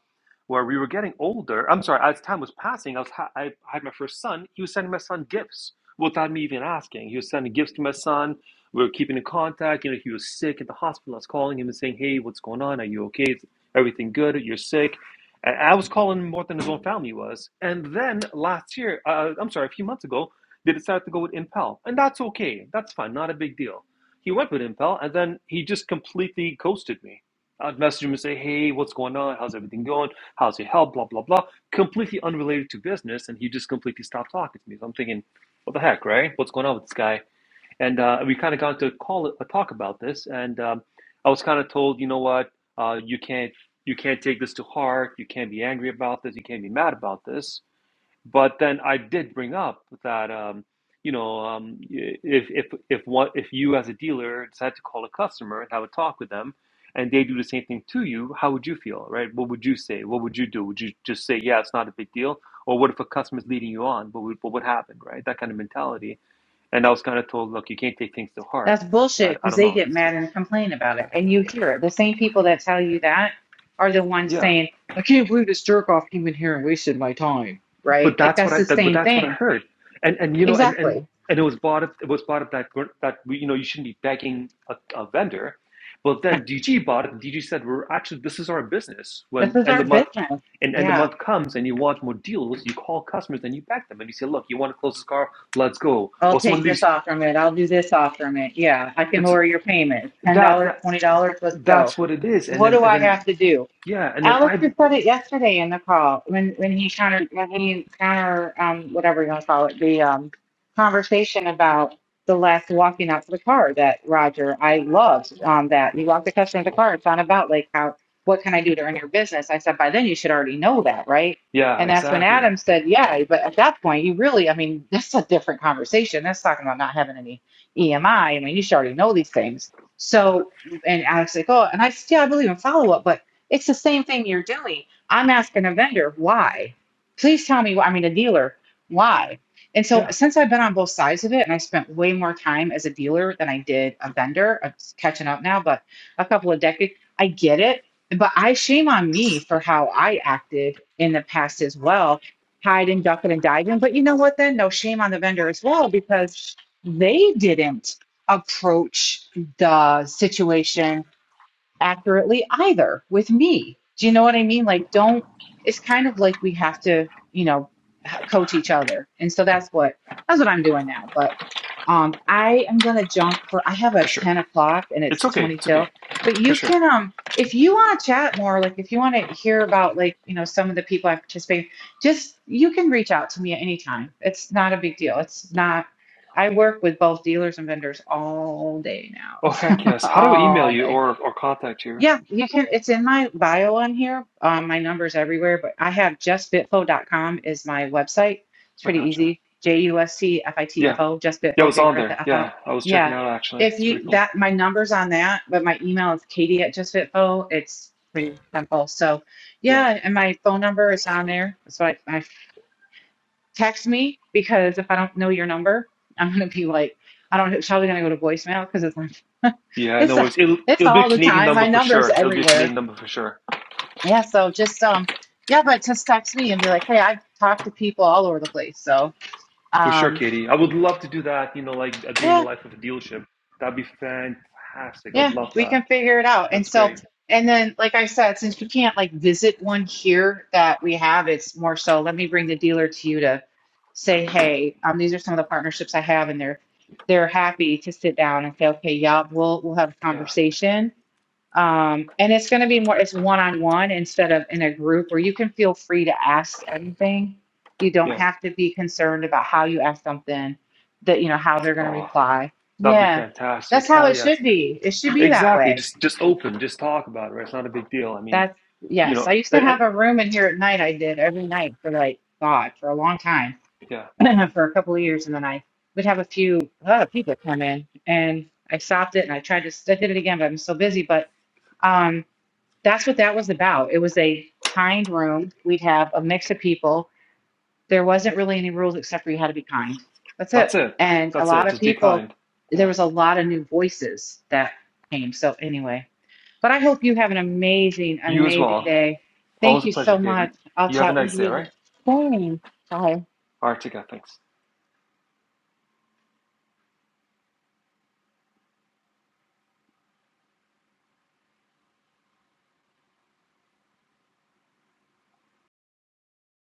[SPEAKER 7] where we were getting older, I'm sorry, as time was passing, I was ha- I had my first son. He was sending my son gifts without me even asking. He was sending gifts to my son. We were keeping in contact. You know, he was sick at the hospital. I was calling him and saying, "Hey, what's going on? Are you okay? Is everything good? You're sick." And I was calling him more than his own family was. And then last year, uh, I'm sorry, a few months ago, they decided to go with Impel, and that's okay. That's fine. Not a big deal. He went with Impel, and then he just completely ghosted me. I'd message him and say, "Hey, what's going on? How's everything going? How's your health? Blah blah blah." Completely unrelated to business, and he just completely stopped talking to me. So I'm thinking, "What the heck, right? What's going on with this guy?" And uh, we kind of got to call a talk about this, and um, I was kind of told, "You know what? Uh, you can't you can't take this to heart. You can't be angry about this. You can't be mad about this." But then I did bring up that um, you know um, if if if one if you as a dealer decide to call a customer and have a talk with them, and they do the same thing to you, how would you feel, right? What would you say? What would you do? Would you just say, yeah, it's not a big deal? Or what if a customer's leading you on? What would what would happen, right? That kind of mentality. And I was kind of told, look, you can't take things to heart.
[SPEAKER 10] That's
[SPEAKER 7] I,
[SPEAKER 10] bullshit
[SPEAKER 7] I
[SPEAKER 10] because
[SPEAKER 7] don't
[SPEAKER 10] they
[SPEAKER 7] know.
[SPEAKER 10] get
[SPEAKER 7] It's,
[SPEAKER 10] mad and complain about it. And you hear it. The same people that tell you that are the ones
[SPEAKER 7] yeah.
[SPEAKER 10] saying, I can't believe this jerk off came in here and wasted my time.
[SPEAKER 7] but
[SPEAKER 10] Right? Like
[SPEAKER 7] that's what
[SPEAKER 10] that's
[SPEAKER 7] I
[SPEAKER 10] the
[SPEAKER 7] that, but
[SPEAKER 10] same
[SPEAKER 7] that's what I
[SPEAKER 10] thing.
[SPEAKER 7] heard, and and you know and and
[SPEAKER 10] Exactly.
[SPEAKER 7] and it was part of it was part of that that we you know you shouldn't be begging a, a vendor, but then DG bought it. And DG said we're actually this is our business.
[SPEAKER 10] This
[SPEAKER 7] When
[SPEAKER 10] is
[SPEAKER 7] end
[SPEAKER 10] our
[SPEAKER 7] of month,
[SPEAKER 10] business.
[SPEAKER 7] and end of
[SPEAKER 10] Yeah.
[SPEAKER 7] month comes and you want more deals, you call customers and you beg them and you say, look, you want to close this car, let's go.
[SPEAKER 10] I'll
[SPEAKER 7] Or someone
[SPEAKER 10] take this
[SPEAKER 7] leaves,
[SPEAKER 10] off from it. I'll do this off from it. Yeah. I can
[SPEAKER 7] it's
[SPEAKER 10] lower your payment. $10,
[SPEAKER 7] that
[SPEAKER 10] dollars,
[SPEAKER 7] that
[SPEAKER 10] $20. Let's go.
[SPEAKER 7] that's what it is. And
[SPEAKER 10] What
[SPEAKER 7] then
[SPEAKER 10] do
[SPEAKER 7] and
[SPEAKER 10] I have
[SPEAKER 7] then
[SPEAKER 10] to do?
[SPEAKER 7] yeah, and then
[SPEAKER 10] Alex
[SPEAKER 7] I
[SPEAKER 10] Alistair said it yesterday in the call when when he counter when he counter um whatever you want to call it the um conversation about the last walking out to the car that Roger I loved um that you walked the customer to the car it's not about like how what can I do to earn your business I said by then you should already know that right
[SPEAKER 7] yeah
[SPEAKER 10] and that's when
[SPEAKER 7] exactly
[SPEAKER 10] Adam said yeah but at that point you really I mean that's a different conversation that's talking about not having any EMI I I mean you should already know these things
[SPEAKER 7] yeah
[SPEAKER 10] so and Alex like oh and I yeah I believe in follow up but it's the same thing you're doing. I'm asking a vendor, why? Please tell me, why- I mean, a dealer, why? And so
[SPEAKER 7] yeah
[SPEAKER 10] since I've been on both sides of it and I spent way more time as a dealer than I did a vendor, I'm s- catching up now, but a couple of decades, I get it. But I shame on me for how I acted in the past as well, hide and duck and diving. But you know what then? No shame on the vendor as well, because they didn't approach the situation accurately either with me. Do you know what I mean? Like, don't, it's kind of like we have to, you know, h- coach each other. And so that's what, that's what I'm doing now. But um, I am going to jump for, I have a
[SPEAKER 7] for sure.
[SPEAKER 10] 10 o'clock and
[SPEAKER 7] It's
[SPEAKER 10] it's
[SPEAKER 7] okay.
[SPEAKER 10] 20
[SPEAKER 7] It's okay
[SPEAKER 10] till, but
[SPEAKER 7] for
[SPEAKER 10] you
[SPEAKER 7] sure.
[SPEAKER 10] can, um, if you want to chat more, like if you want to hear about like, you know, some of the people I participate, just, you can reach out to me at any time. It's not a big deal. It's not, I work with both dealers and vendors all day now,
[SPEAKER 7] Oh heck yes. How do I email
[SPEAKER 10] all
[SPEAKER 7] you
[SPEAKER 10] day.
[SPEAKER 7] or or contact you?
[SPEAKER 10] Yeah, you can. It's in my bio on here. Um, my number's everywhere, but I have justbitfo.com is my website. It's
[SPEAKER 7] I
[SPEAKER 10] pretty
[SPEAKER 7] gotcha.
[SPEAKER 10] easy. J U S T F I T F
[SPEAKER 7] Yeah.
[SPEAKER 10] O, just
[SPEAKER 7] Yeah, I
[SPEAKER 10] bitfo,
[SPEAKER 7] was
[SPEAKER 10] figure
[SPEAKER 7] on
[SPEAKER 10] it the
[SPEAKER 7] there.
[SPEAKER 10] F out.
[SPEAKER 7] Yeah, I was
[SPEAKER 10] Yeah.
[SPEAKER 7] checking out actually.
[SPEAKER 10] If
[SPEAKER 7] It's pretty
[SPEAKER 10] you
[SPEAKER 7] cool.
[SPEAKER 10] that my number's on that, but my email is Katie at justbitfo. It's pretty simple. So
[SPEAKER 7] Yeah.
[SPEAKER 10] yeah, and my phone number is on there. So I, I text me because if I don't know your number, I'm gonna be like, I don't know, it's probably gonna go to voicemail because it's like
[SPEAKER 7] Yeah,
[SPEAKER 10] it's
[SPEAKER 7] no
[SPEAKER 10] a,
[SPEAKER 7] worries. It'll
[SPEAKER 10] it's
[SPEAKER 7] it'll be a
[SPEAKER 10] all the
[SPEAKER 7] Canadian
[SPEAKER 10] time.
[SPEAKER 7] number
[SPEAKER 10] My
[SPEAKER 7] for sure.
[SPEAKER 10] number's
[SPEAKER 7] It'll be a
[SPEAKER 10] everywhere.
[SPEAKER 7] Canadian number for sure.
[SPEAKER 10] Yeah, so just um yeah, but just text me and be like, hey, I've talked to people all over the place. So
[SPEAKER 7] For sure,
[SPEAKER 10] um
[SPEAKER 7] Katie. I would love to do that, you know, like a day in the
[SPEAKER 10] yeah,
[SPEAKER 7] life of a dealership. That'd be fantastic. I'd
[SPEAKER 10] yeah,
[SPEAKER 7] love
[SPEAKER 10] we
[SPEAKER 7] that.
[SPEAKER 10] can figure it out. And
[SPEAKER 7] That's
[SPEAKER 10] so
[SPEAKER 7] great.
[SPEAKER 10] and then like I said, since we can't like visit one here that we have, it's more so let me bring the dealer to you to say, hey, um these are some of the partnerships I have and they're they're happy to sit down and say, okay, yeah, we'll we'll have a
[SPEAKER 7] Yeah.
[SPEAKER 10] conversation Um, and it's going to be more, it's one on one instead of in a group where you can feel free to ask anything. You don't
[SPEAKER 7] Yeah.
[SPEAKER 10] have to be concerned about how you ask something that, you know, how they're going to
[SPEAKER 7] Oh,
[SPEAKER 10] reply.
[SPEAKER 7] that'd be
[SPEAKER 10] Yeah. That's
[SPEAKER 7] fantastic.
[SPEAKER 10] how
[SPEAKER 7] Hell
[SPEAKER 10] it
[SPEAKER 7] yes.
[SPEAKER 10] should be. It should be that
[SPEAKER 7] Exactly.
[SPEAKER 10] way.
[SPEAKER 7] Just just open, just talk about it, right? It's not a big deal. I mean,
[SPEAKER 10] That's,
[SPEAKER 7] you
[SPEAKER 10] yes.
[SPEAKER 7] know,
[SPEAKER 10] I used
[SPEAKER 7] I,
[SPEAKER 10] to
[SPEAKER 7] I,
[SPEAKER 10] have a room in here at night. I did every night for like, God, for a long time,
[SPEAKER 7] yeah.
[SPEAKER 10] for a couple of years. And then I would have a few uh, people come in and I stopped it and I tried to, I did it again, but I'm so busy. But, um, that's what that was about. It was a kind room. We'd have a mix of people. There wasn't really any rules except for you had to be kind. That's
[SPEAKER 7] That's
[SPEAKER 10] it.
[SPEAKER 7] it.
[SPEAKER 10] And a
[SPEAKER 7] That's
[SPEAKER 10] lot
[SPEAKER 7] it.
[SPEAKER 10] of
[SPEAKER 7] Just be
[SPEAKER 10] people,
[SPEAKER 7] kind. Yeah.
[SPEAKER 10] there was a lot of new voices that came. So, anyway, but I hope you have an amazing,
[SPEAKER 7] You as
[SPEAKER 10] amazing
[SPEAKER 7] well.
[SPEAKER 10] day. Thank
[SPEAKER 7] Always a
[SPEAKER 10] you
[SPEAKER 7] pleasure,
[SPEAKER 10] so much.
[SPEAKER 7] Katie.
[SPEAKER 10] I'll
[SPEAKER 7] You have a
[SPEAKER 10] chat with
[SPEAKER 7] nice day,
[SPEAKER 10] you
[SPEAKER 7] alright?
[SPEAKER 10] the Bye.
[SPEAKER 7] Alright, take care, thanks.